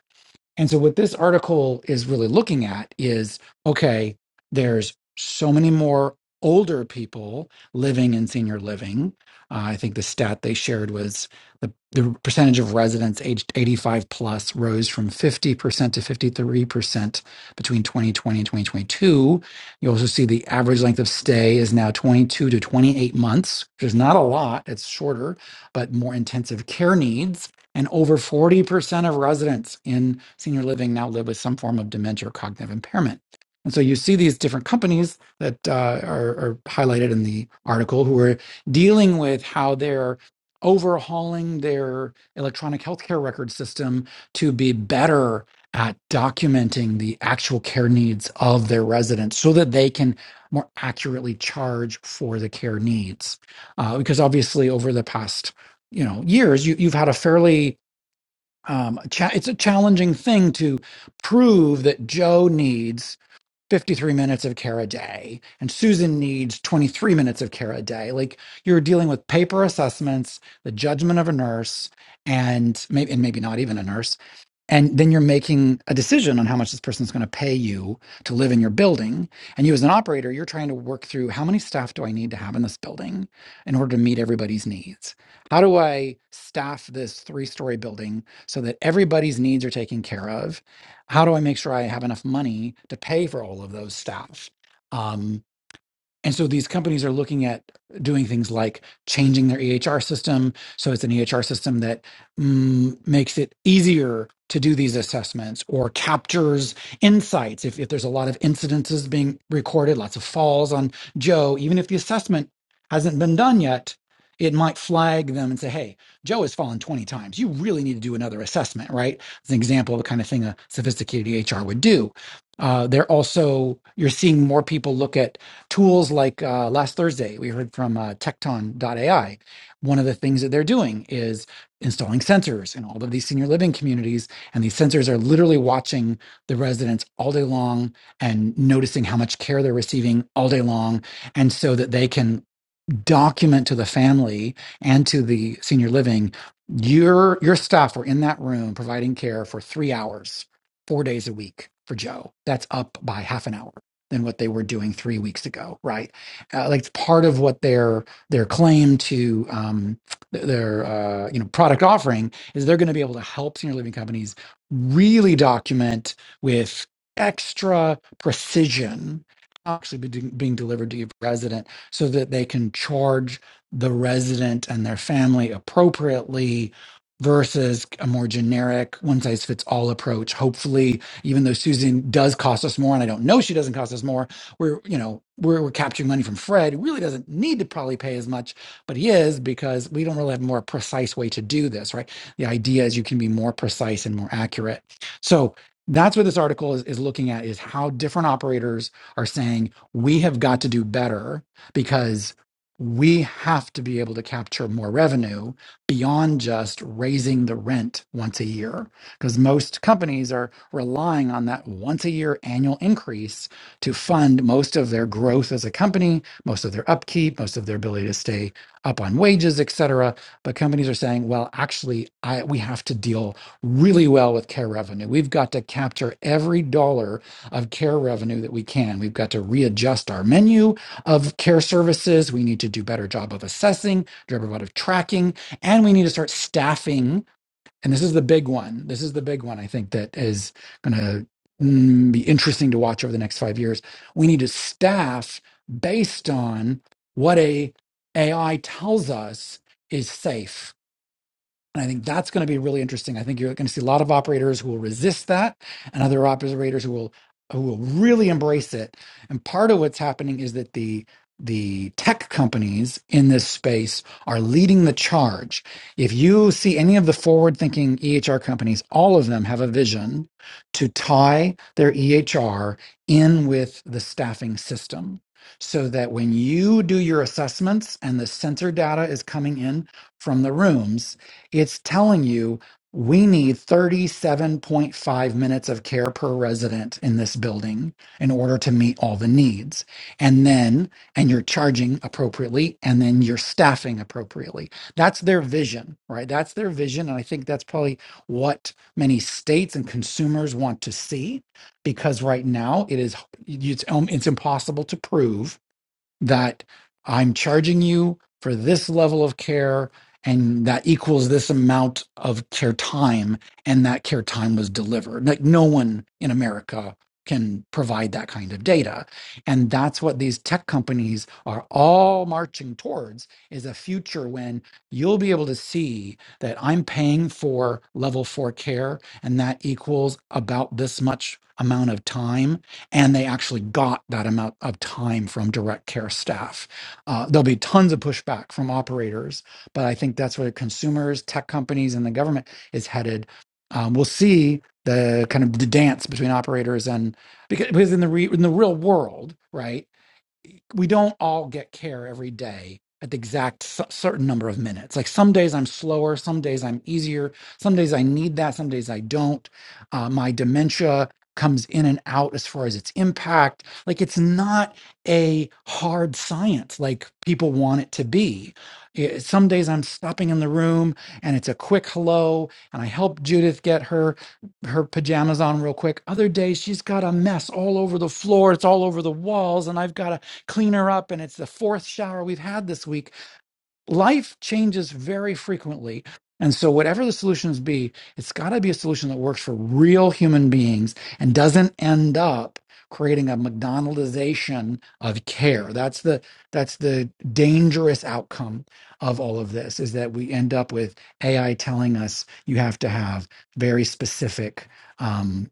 S5: and so, what this article is really looking at is okay, there's so many more older people living in senior living. Uh, I think the stat they shared was the, the percentage of residents aged 85 plus rose from 50% to 53% between 2020 and 2022. You also see the average length of stay is now 22 to 28 months, which is not a lot, it's shorter, but more intensive care needs and over 40% of residents in senior living now live with some form of dementia or cognitive impairment. And so you see these different companies that uh, are, are highlighted in the article who are dealing with how they're overhauling their electronic healthcare record system to be better at documenting the actual care needs of their residents so that they can more accurately charge for the care needs. Uh, because obviously, over the past you know years, you, you've had a fairly um, cha- it's a challenging thing to prove that Joe needs 53 minutes of care a day and Susan needs 23 minutes of care a day. Like you're dealing with paper assessments, the judgment of a nurse, and maybe and maybe not even a nurse, and then you're making a decision on how much this person's going to pay you to live in your building. And you, as an operator, you're trying to work through how many staff do I need to have in this building in order to meet everybody's needs? How do I staff this three story building so that everybody's needs are taken care of? How do I make sure I have enough money to pay for all of those staff? Um, and so these companies are looking at doing things like changing their EHR system. So it's an EHR system that mm, makes it easier to do these assessments or captures insights. If, if there's a lot of incidences being recorded, lots of falls on Joe, even if the assessment hasn't been done yet, it might flag them and say, hey, Joe has fallen 20 times. You really need to do another assessment, right? It's an example of the kind of thing a sophisticated EHR would do. Uh, they're also, you're seeing more people look at tools like uh, last Thursday, we heard from uh, AI. One of the things that they're doing is installing sensors in all of these senior living communities. And these sensors are literally watching the residents all day long and noticing how much care they're receiving all day long. And so that they can document to the family and to the senior living your your staff were in that room providing care for three hours four days a week for joe that's up by half an hour than what they were doing three weeks ago right uh, like it's part of what their their claim to um, th- their uh, you know product offering is they're going to be able to help senior living companies really document with extra precision actually be- being delivered to your resident so that they can charge the resident and their family appropriately versus a more generic one size fits all approach hopefully even though susan does cost us more and i don't know she doesn't cost us more we're you know we're, we're capturing money from fred who really doesn't need to probably pay as much but he is because we don't really have a more precise way to do this right the idea is you can be more precise and more accurate so that's what this article is, is looking at is how different operators are saying we have got to do better because we have to be able to capture more revenue beyond just raising the rent once a year because most companies are relying on that once a year annual increase to fund most of their growth as a company most of their upkeep most of their ability to stay up on wages et cetera but companies are saying well actually I, we have to deal really well with care revenue we've got to capture every dollar of care revenue that we can we've got to readjust our menu of care services. We need to do a better job of assessing, better job of tracking, and we need to start staffing. And this is the big one. This is the big one. I think that is going to be interesting to watch over the next five years. We need to staff based on what a AI tells us is safe and I think that's going to be really interesting. I think you're going to see a lot of operators who will resist that and other operators who will who will really embrace it. And part of what's happening is that the the tech companies in this space are leading the charge. If you see any of the forward thinking EHR companies, all of them have a vision to tie their EHR in with the staffing system so that when you do your assessments and the sensor data is coming in from the rooms, it's telling you we need 37.5 minutes of care per resident in this building in order to meet all the needs. And then, and you're charging appropriately, and then you're staffing appropriately. That's their vision, right? That's their vision. And I think that's probably what many states and consumers want to see because right now it is it's, um, it's impossible to prove that I'm charging you for this level of care and that equals this amount of care time and that care time was delivered. Like no one in America can provide that kind of data. And that's what these tech companies are all marching towards is a future when you'll be able to see that I'm paying for level 4 care and that equals about this much amount of time and they actually got that amount of time from direct care staff. Uh, there'll be tons of pushback from operators, but I think that's where consumers, tech companies, and the government is headed. Um, we'll see the kind of the dance between operators and because, because in the re, in the real world, right? e, we don't all get care every day at the exact c- certain number of minutes. Like some days I'm slower, some days I'm easier, some days I need that, some days I don't. Uh, my dementia comes in and out as far as its impact. Like it's not a hard science like people want it to be. It- some days I'm stopping in the room and it's a quick hello and I help Judith get her her pajamas on real quick. Other days she's got a mess all over the floor, it's all over the walls and I've got to clean her up and it's the fourth shower we've had this week life changes very frequently and so whatever the solutions be it's got to be a solution that works for real human beings and doesn't end up creating a mcdonaldization of care that's the that's the dangerous outcome of all of this is that we end up with ai telling us you have to have very specific um,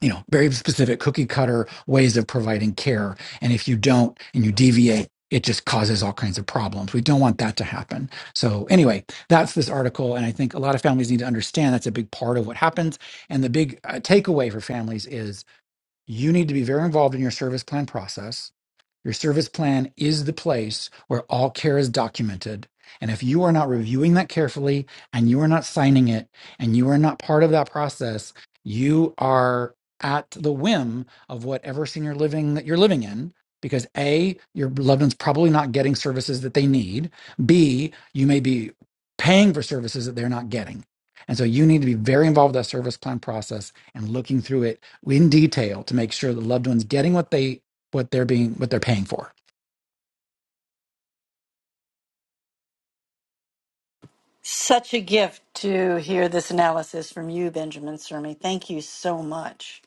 S5: you know very specific cookie cutter ways of providing care and if you don't and you deviate it just causes all kinds of problems we don't want that to happen so anyway that's this article and i think a lot of families need to understand that's a big part of what happens and the big uh, takeaway for families is you need to be very involved in your service plan process your service plan is the place where all care is documented. And if you are not reviewing that carefully and you are not signing it and you are not part of that process, you are at the whim of whatever senior living that you're living in. Because A, your loved one's probably not getting services that they need. B, you may be paying for services that they're not getting. And so you need to be very involved with that service plan process and looking through it in detail to make sure the loved one's getting what they what they're being what they're paying for.
S2: Such a gift to hear this analysis from you, Benjamin Sermi. Thank you so much.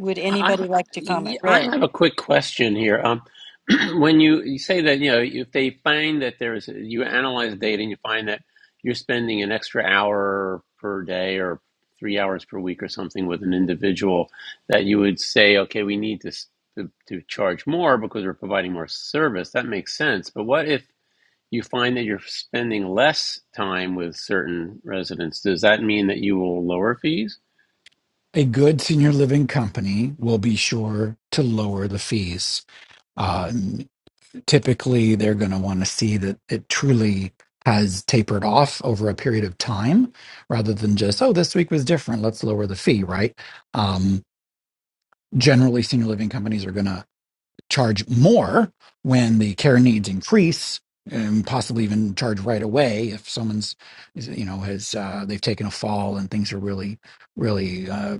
S2: Would
S1: I I
S2: anybody like to comment?
S1: yeah, I
S2: Ray?
S1: have a quick question here. Um, when you, you say that you know if they find that there's you analyze data and you find that you're spending an extra hour per day or three hours per week or something with an individual that you would say okay we need to to, to charge more because we're providing more service that makes sense but what if you find that you're spending less time with certain residents, does that mean that you will lower fees?
S5: A good senior living company will be sure to lower the fees. Uh, typically, they're going to want to see that it truly has tapered off over a period of time, rather than just oh, this week was different. Let's lower the fee, right? Um, generally, senior living companies are going to charge more when the care needs increase and possibly even charge right away if someone's you know has uh, they've taken a fall and things are really really uh,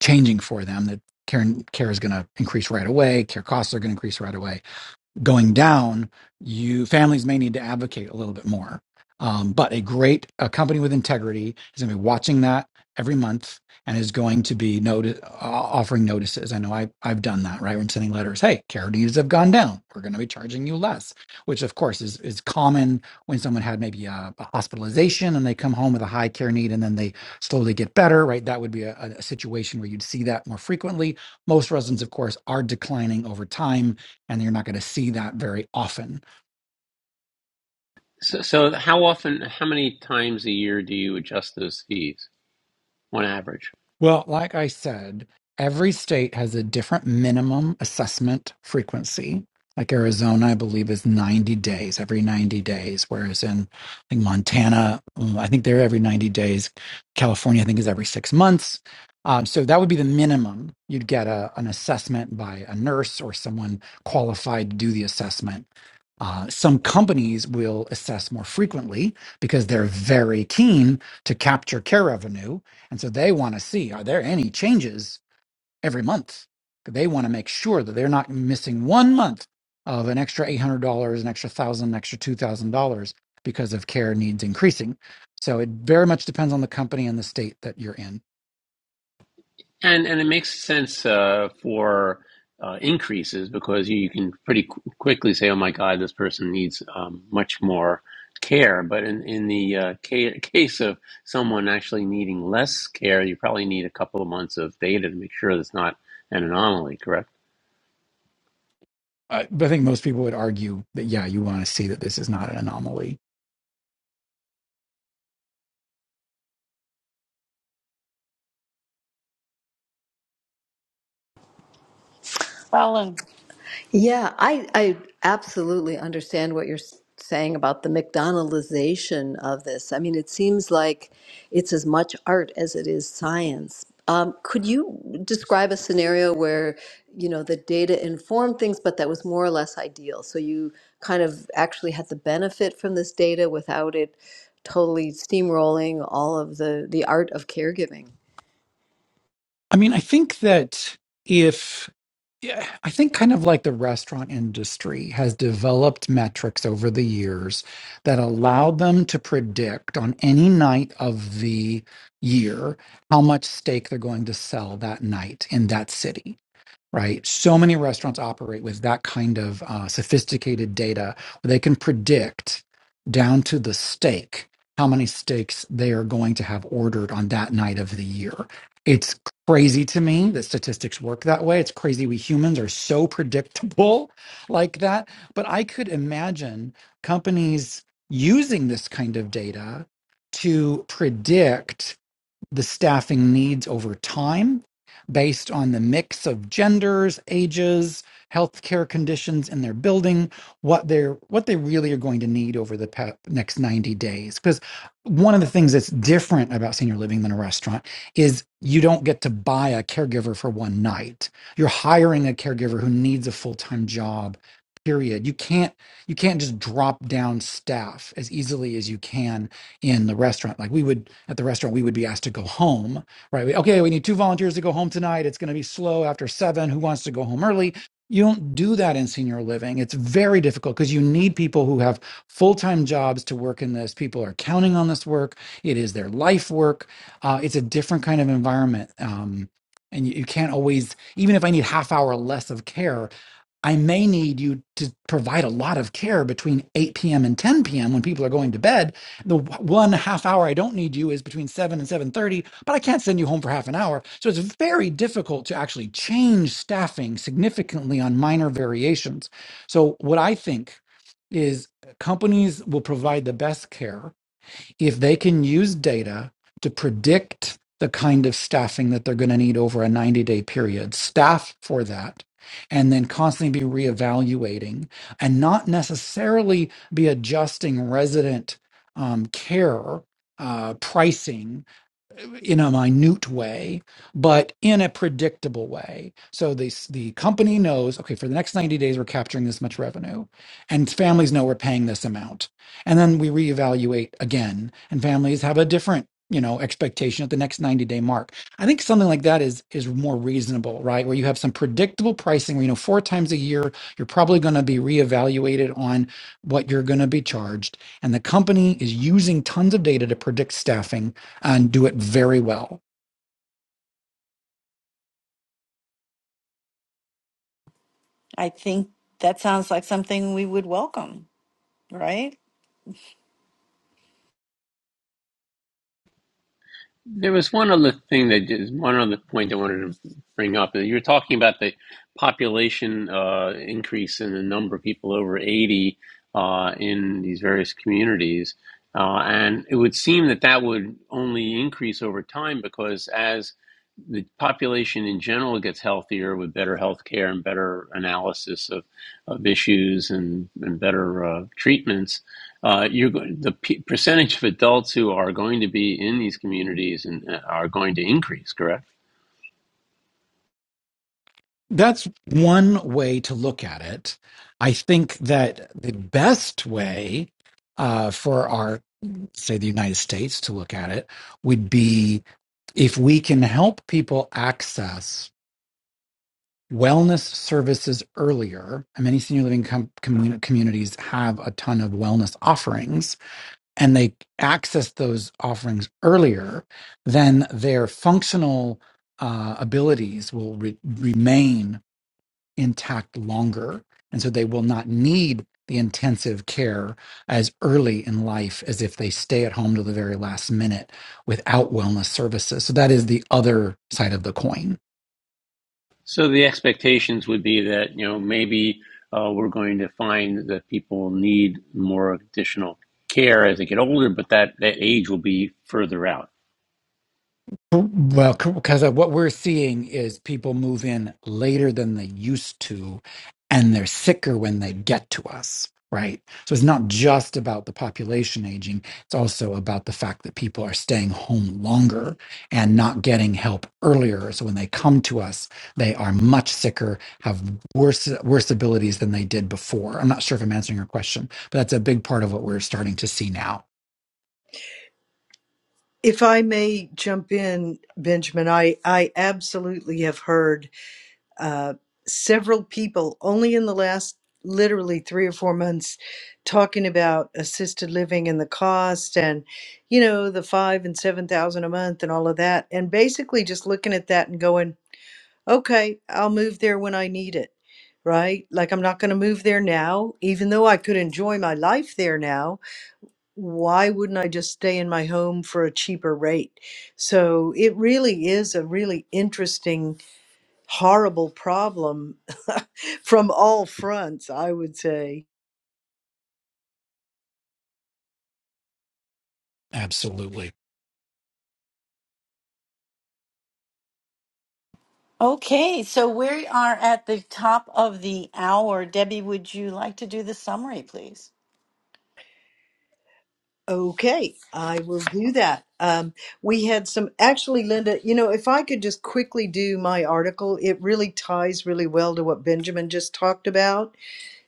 S5: changing for them that care care is going to increase right away care costs are going to increase right away going down, you families may need to advocate a little bit more. Um, but a great a company with integrity is going to be watching that every month and is going to be noti- uh, offering notices. I know I, I've done that, right? I'm sending letters. Hey, charities have gone down. We're going to be charging you less, which of course is, is common when someone had maybe a, a hospitalization and they come home with a high care need and then they slowly get better, right? That would be a, a a situation where you'd see that more frequently. Most residents, of course, are declining over time and you're not going to see that very often
S1: So, so how often, how many times a year do you adjust those fees on average?
S5: Well, like I said, every state has a different minimum assessment frequency. Like Arizona, I believe, is 90 days, every 90 days, whereas in I think Montana, mm, I think they're every 90 days. California, I think, is every six months. Um, so that would be the minimum. You'd get a, an assessment by a nurse or someone qualified to do the assessment. Uh, some companies will assess more frequently because they're very keen to capture care revenue and so they want to see are there any changes every month? They want to make sure that they're not missing one month of an extra $800, an extra 1000 an extra $2,000 because of care needs increasing. So it very much depends on the company and the state that you're in.
S1: And and it makes sense uh, for uh, increases because you, you can pretty qu- quickly say, oh my God, this person needs um, much more care. But in in the uh, ca- case of someone actually needing less care, you probably need a couple of months of data to make sure that's not an anomaly. Correct?
S5: I, but I think most people would argue that, yeah, you want to see that this is not an anomaly.
S2: Colin?
S4: Yeah, I, I absolutely understand what you're s- saying about the McDonaldization of this. I mean, it seems like it's as much art as it is science. Um, could you describe a scenario where, you know, the data informed things, but that was more or less ideal? So you kind of actually had the benefit from this data without it totally steamrolling all of the, the art of caregiving.
S5: I mean, I think that if yeah, I think kind of like the restaurant industry has developed metrics over the years that allow them to predict on any night of the year how much steak they're going to sell that night in that city right? So many restaurants operate with that kind of uh, sophisticated data where they can predict down to the steak how many steaks they are going to have ordered on that night of the year. It's crazy to me that statistics work that way. It's crazy we humans are so predictable like that. But I could imagine companies using this kind of data to predict the staffing needs over time based on the mix of genders, ages, healthcare conditions in their building, what they're what they really are going to need over the pa- next 90 days. Because one of the things that's different about senior living than a restaurant is you don't get to buy a caregiver for one night. You're hiring a caregiver who needs a full-time job period you can't you can't just drop down staff as easily as you can in the restaurant. Like we would at the restaurant, we would be asked to go home, right? We, okay, we need two volunteers to go home tonight. It's going to be slow after seven. Who wants to go home early? You don't do that in senior living. It's very difficult because you need people who have full time jobs to work in this. People are counting on this work. It is their life work. Uh, it's a different kind of environment. Um, and you, you can't always, even if I need half hour less of care, I may need you to provide a lot of care between 8 p.m. and 10 p.m. when people are going to bed. The w- one half hour I don't need you is between 7 and 7:30, but I can't send you home for half an hour. So it's very difficult to actually change staffing significantly on minor variations. So what I think is companies will provide the best care if they can use data to predict the kind of staffing that they're going to need over a 90 day period, staff for that, and then constantly be reevaluating and not necessarily be adjusting resident um, care uh, pricing in a minute way, but in a predictable way. So the the company knows, okay, for the next 90 days we're capturing this much revenue, and families know we're paying this amount. And then we reevaluate again, and families have a different you know expectation at the next 90 day mark i think something like that is is more reasonable right where you have some predictable pricing where you know four times a year you're probably going to be reevaluated on what you're going to be charged and the company is using tons of data to predict staffing and do it very well.
S2: I think that sounds like something we would welcome, right?
S1: There was one other thing that is one other point I wanted to bring up. You were talking about the population uh, increase in the number of people over 80 uh, in these various communities. Uh, and it would seem that that would only increase over time because as the population in general gets healthier with better health care and better analysis of, of issues and, and better uh, treatments, uh, you're going, the p- percentage of adults who are going to be in these communities and uh, are going to increase, correct?
S5: That's one way to look at it. I think that the best way uh, for our, say, the United States to look at it would be if we can help people access wellness services earlier. And many senior living com- commu- communities have a ton of wellness offerings and they access those offerings earlier, then their functional uh, abilities will re- remain intact longer. And so they will not need the intensive care as early in life as if they stay at home to the very last minute without wellness services. So that is the other side of the coin.
S1: So the expectations would be that, you know, maybe uh, we're going to find that people need more additional care as they get older, but that, that age will be further out.
S5: Well, because what we're seeing is people move in later than they used to, and they're sicker when they get to us, right? So it's not just about the population aging, it's also about the fact that people are staying home longer and not getting help earlier. So when they come to us, they are much sicker, have worse worse abilities than they did before. I'm not sure if I'm answering your question, but that's a big part of what we're starting to see now.
S3: If I may jump in, Benjamin, I I absolutely have heard uh, several people only in the last literally three or four months talking about assisted living and the cost and you know the five and seven thousand a month and all of that and basically just looking at that and going okay i'll move there when i need it right like i'm not going to move there now even though i could enjoy my life there now why wouldn't i just stay in my home for a cheaper rate so it really is a really interesting horrible problem from all fronts, I would say.
S5: Absolutely.
S2: Okay, so we are at the top of the hour. Debbie, would you like to do the summary, please?
S3: Okay, I will do that. Um, we had some, actually, Linda, you know, if I could just quickly do my article, it really ties really well to what Benjamin just talked about.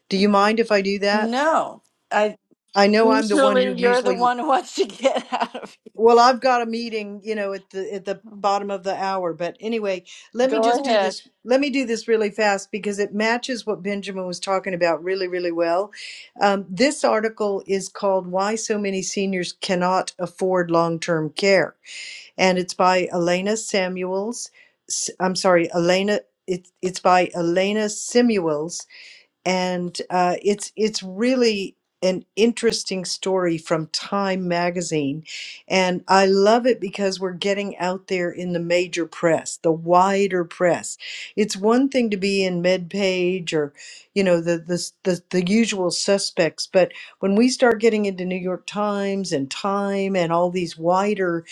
S3: Do you mind if I do that?
S2: No, I
S3: I know I'm the one
S2: usually
S3: who
S2: you're the
S3: usually
S2: one who wants to get out of
S3: Well, I've got a meeting, you know, at the at the
S2: here.
S3: bottom of the hour, but anyway, let me just
S2: Go
S3: do
S2: ahead.
S3: this. Let me do this really fast because it matches what Benjamin was talking about really, really well. Um, this article is called "Why So Many Seniors Cannot Afford Long Term Care," and it's by Elena Samuels. S- I'm sorry, Elena. It's it's by Elena Samuels and uh, it's it's really an interesting story from Time magazine and I love it because we're getting out there in the major press the wider press it's one thing to be in MedPage or you know the the s- the, the usual suspects but when we start getting into New York Times and Time and all these wider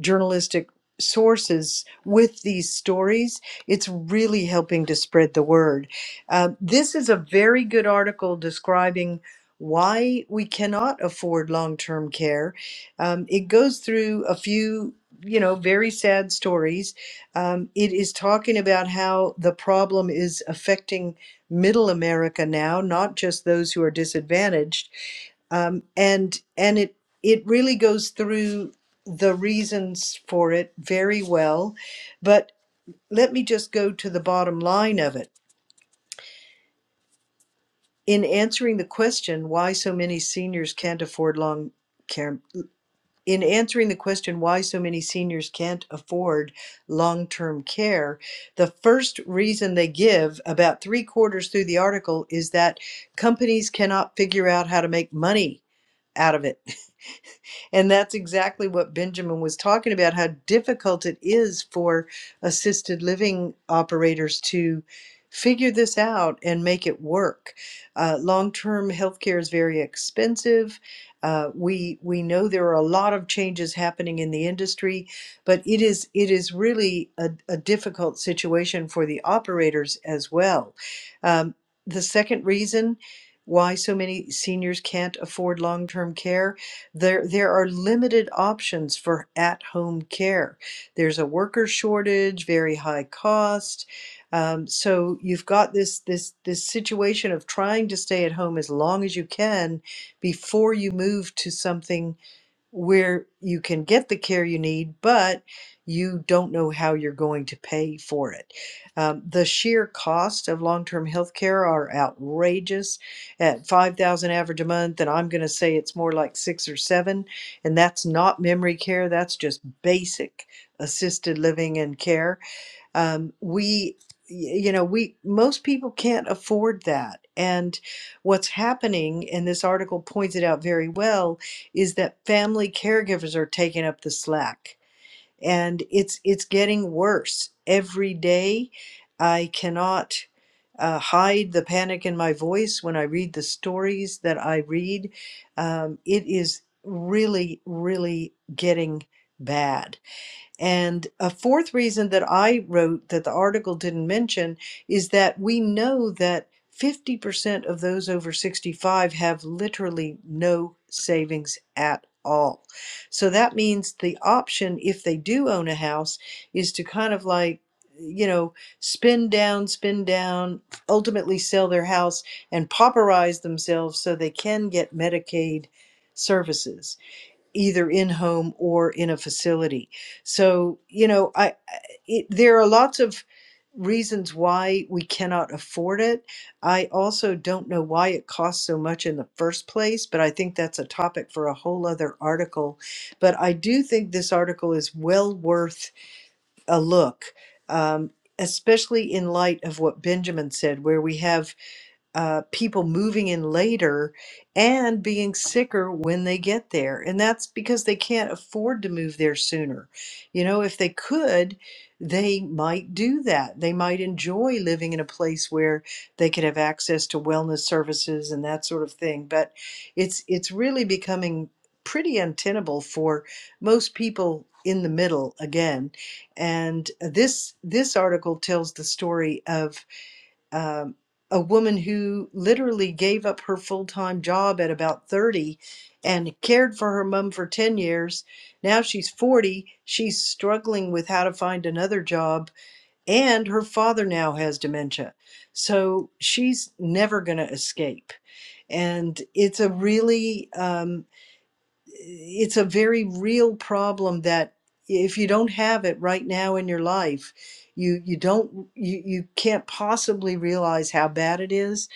S3: journalistic sources with these stories it's really helping to spread the word um, this is a very good article describing why we cannot afford long-term care. Um, it goes through a few, you know, very sad stories. Um, it is talking about how the problem is affecting middle America now, not just those who are disadvantaged. Um, and and it it really goes through the reasons for it very well. But let me just go to the bottom line of it In answering the question why so many seniors can't afford long care, in answering the question why so many seniors can't afford long term care, the first reason they give, about three quarters through the article, is that companies cannot figure out how to make money out of it. And that's exactly what Benjamin was talking about how difficult it is for assisted living operators to figure this out and make it work. Uh, Long term healthcare is very expensive. Uh, we we know there are a lot of changes happening in the industry, but it is it is really a, a difficult situation for the operators as well. Um, the second reason why so many seniors can't afford long term care there, there are limited options for at-home care. There's a worker shortage, very high cost. Um, so you've got this this this situation of trying to stay at home as long as you can before you move to something where you can get the care you need, but you don't know how you're going to pay for it. Um, the sheer cost of long-term health care are outrageous at 5,000 average a month, and I'm going to say it's more like six or seven, and that's not memory care, that's just basic assisted living and care um, we you know we most people can't afford that and what's happening and this article points it out very well is that family caregivers are taking up the slack and it's it's getting worse every day i cannot uh, hide the panic in my voice when i read the stories that i read um, it is really really getting bad and a fourth reason that I wrote that the article didn't mention is that we know that 50% of those over 65 have literally no savings at all. So that means the option, if they do own a house, is to kind of like, you know, spin down, spin down, ultimately sell their house and pauperize themselves so they can get Medicaid services either in home or in a facility. So, you know, I, I- it, there are lots of reasons why we cannot afford it. I also don't know why it costs so much in the first place, but I think that's a topic for a whole other article. But I do think this article is well worth a look. Um, Especially in light of what Benjamin said, where we have uh, people moving in later and being sicker when they get there. And that's because they can't afford to move there sooner. You know, if they could, they might do that. They might enjoy living in a place where they could have access to wellness services and that sort of thing. But it's it's really becoming pretty untenable for most people in the middle again and this this article tells the story of um, a woman who literally gave up her full time job at about 30 and cared for her mom for 10 years. Now she's 40. She's struggling with how to find another job, and her father now has dementia. So she's never going to escape. And it's a really, um, it's a very real problem that if you don't have it right now in your life you you don't you, you can't possibly realize how bad it is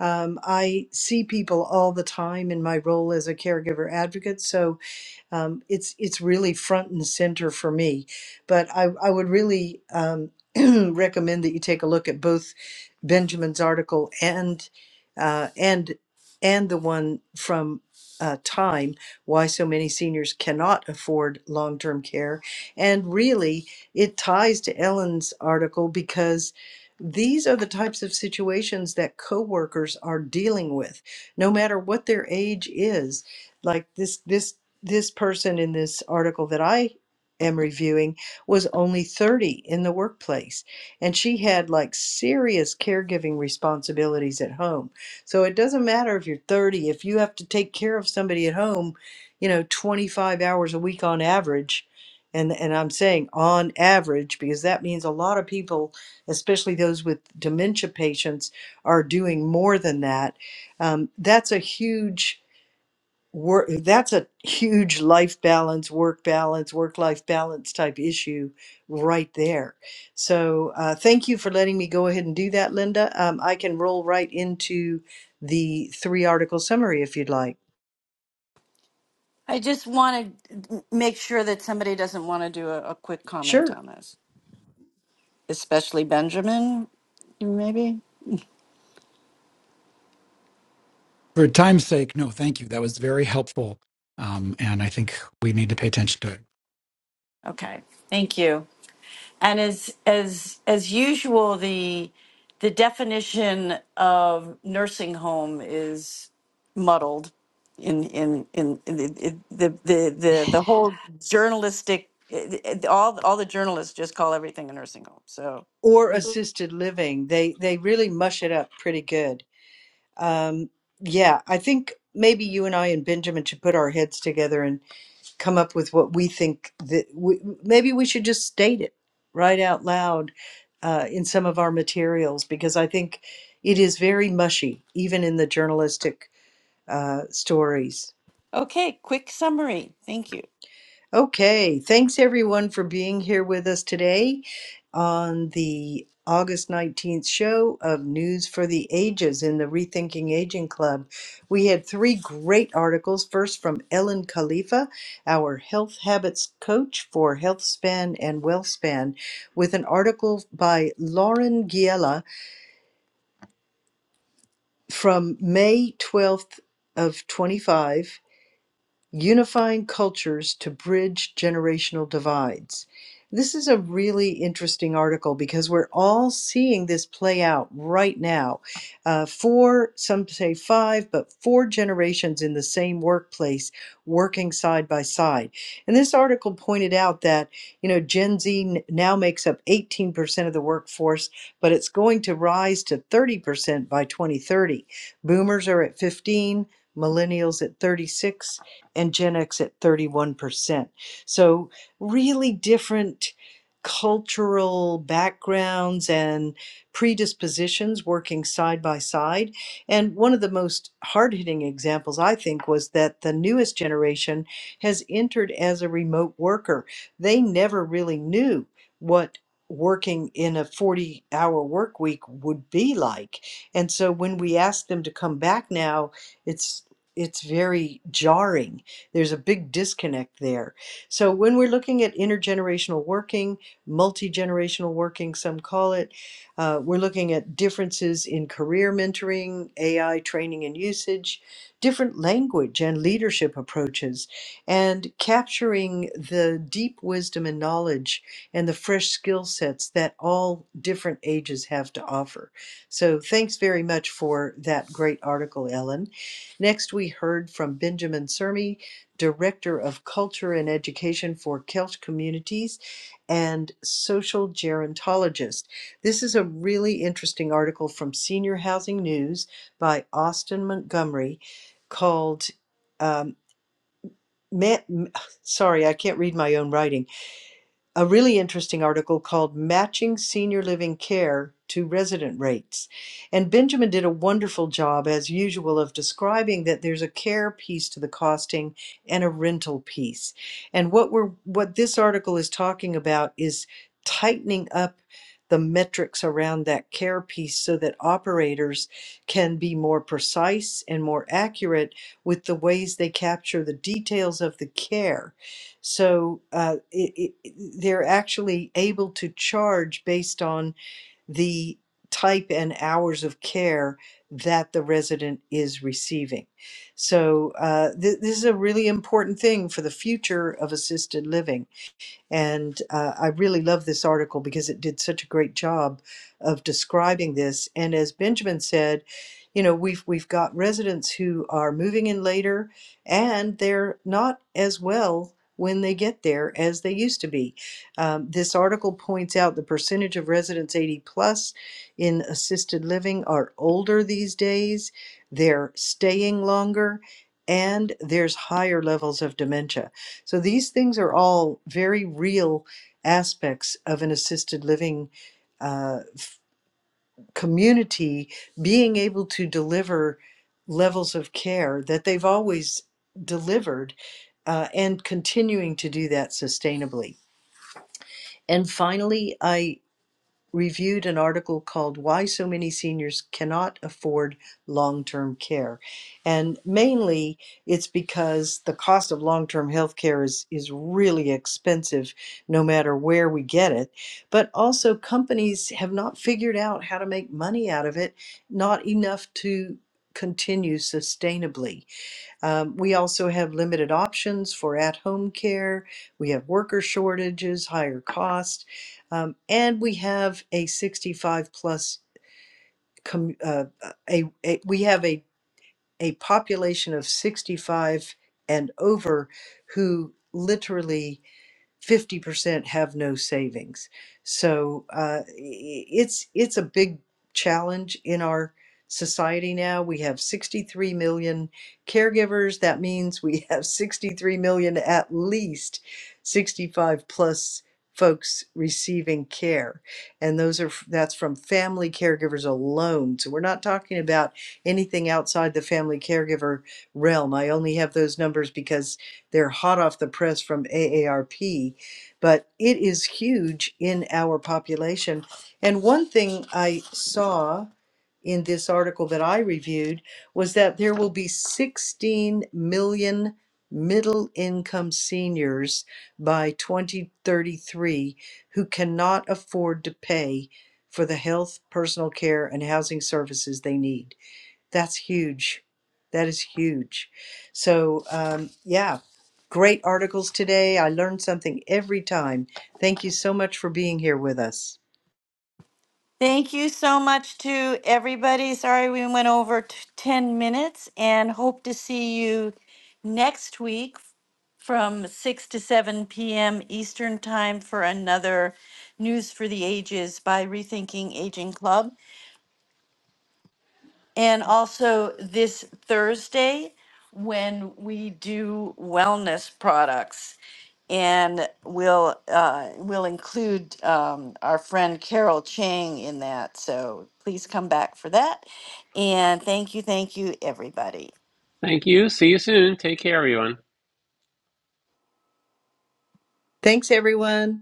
S3: um, i see people all the time in my role as a caregiver advocate so um, it's it's really front and center for me, but I I would really um, recommend that you take a look at both Benjamin's article and uh, and and the one from uh, Time: Why so many seniors cannot afford long-term care, and really it ties to Ellen's article because these are the types of situations that coworkers are dealing with no matter what their age is like this this this person in this article that I am reviewing was only 30 in the workplace and she had like serious caregiving responsibilities at home. So it doesn't matter if you're 30 if you have to take care of somebody at home, you know, 25 hours a week on average and and I'm saying on average because that means a lot of people, especially those with dementia patients are doing more than that. Um, that's a huge work that's a huge life balance work balance work life balance type issue right there so uh, thank you for letting me go ahead and do that linda um, i can roll right into the three article summary if you'd like
S2: I just want to make sure that somebody doesn't want to do a, a quick comment
S3: sure
S2: on this, especially Benjamin, maybe?
S5: for time's sake, no, thank you. That was very helpful, um, and I think we need to pay attention to it.
S2: Okay, thank you. And as as as usual, the the definition of nursing home is muddled. In in in, in the, the the the the whole journalistic, all all the journalists just call everything a nursing home. So.
S3: or
S2: Mm.
S3: assisted living they they really mush it up pretty good um, yeah i think maybe you and i and benjamin should put our heads together and. come up with what we think that we, maybe we should just state it right out loud uh, in some of our materials because I think it is very mushy, even in the journalistic uh, stories.
S2: Okay, quick summary. Thank you.
S3: Okay, thanks everyone for being here with us today on the August 19th show of News for the Ages in the Rethinking Aging Club. We had three great articles. First, from Ellen Khalifa, our health habits coach for health span and wealth span, with an article by Lauren Giella from May 12th of 25 unifying cultures to bridge generational divides. This is a really interesting article because we're all seeing this play out right now. Uh, four, some say five, but four generations in the same workplace working side by side. And this article pointed out that, you know, Gen Z n- now makes up 18% of the workforce, but it's going to rise to 30% by 2030. Boomers are at 15, millennials at 36, and Gen X at 31%. So, really different cultural backgrounds and predispositions working side by side. And one of the most hard hitting examples, I think, was that the newest generation has entered as a remote worker. They never really knew what working in a 40 hour work week would be like. And so when we ask them to come back now, it's it's very jarring there's a big disconnect there. So when we're looking at intergenerational working, multi generational working, some call it, uh, we're looking at differences in career mentoring, AI training and usage, different language and leadership approaches, and capturing the deep wisdom and knowledge and the fresh skill sets that all different ages have to offer. So thanks very much for that great article, Ellen. Next, we heard from Benjamin Sermi Director of Culture and Education for Celt Communities and social gerontologist. This is a really interesting article from Senior Housing News by Austin Montgomery called. Um, Ma- sorry, I can't read my own writing a really interesting article called Matching Senior Living Care to Resident Rates. And Benjamin did a wonderful job, as usual, of describing that there's a care piece to the costing and a rental piece. And what we're what this article is talking about is tightening up the metrics around that care piece so that operators can be more precise and more accurate with the ways they capture the details of the care so uh, it, it, they're actually able to charge based on the type and hours of care that the resident is receiving. So uh, th- this is a really important thing for the future of assisted living and uh, I really love this article because it did such a great job of describing this. And as Benjamin said, you know, we've we've got residents who are moving in later, and they're not as well when they get there as they used to be. Um, this article points out the percentage of residents 80 plus in assisted living are older these days. They're staying longer, and there's higher levels of dementia. So these things are all very real aspects of an assisted living uh, community being able to deliver levels of care that they've always delivered uh, and continuing to do that sustainably. And finally, I reviewed an article called Why So Many Seniors Cannot Afford Long Term Care. And mainly it's because the cost of long term health care is, is really expensive no matter where we get it. But also, companies have not figured out how to make money out of it, not enough to continue sustainably. Um, we also have limited options for at home care. We have worker shortages, higher cost, um, and we have a 65 plus, com- uh, a, a, we have a, a population of 65 and over who literally 50% have no savings. So uh, it's it's a big challenge in our society now. We have 63 million caregivers. That means we have 63 million at least 65 plus folks receiving care and those are that's from family caregivers alone so we're not talking about anything outside the family caregiver realm i only have those numbers because they're hot off the press from AARP, but it is huge in our population. And one thing I saw in this article that I reviewed was that there will be 16 million middle income seniors by 2033 who cannot afford to pay for the health, personal care, and housing services they need. That's huge. That is huge. So, um, yeah, great articles today. I learn something every time. Thank you so much for being here with us.
S2: Thank you so much to everybody. Sorry we went over t- 10 minutes and hope to see you next week from 6 to 7 p.m. Eastern Time for another News for the Ages by Rethinking Aging Club. And also this Thursday, when we do wellness products, and we'll uh, we'll include um, our friend Carol Chang in that. So please come back for that. And thank you, thank you, everybody.
S1: Thank you. See you soon. Take care, everyone.
S3: Thanks, everyone.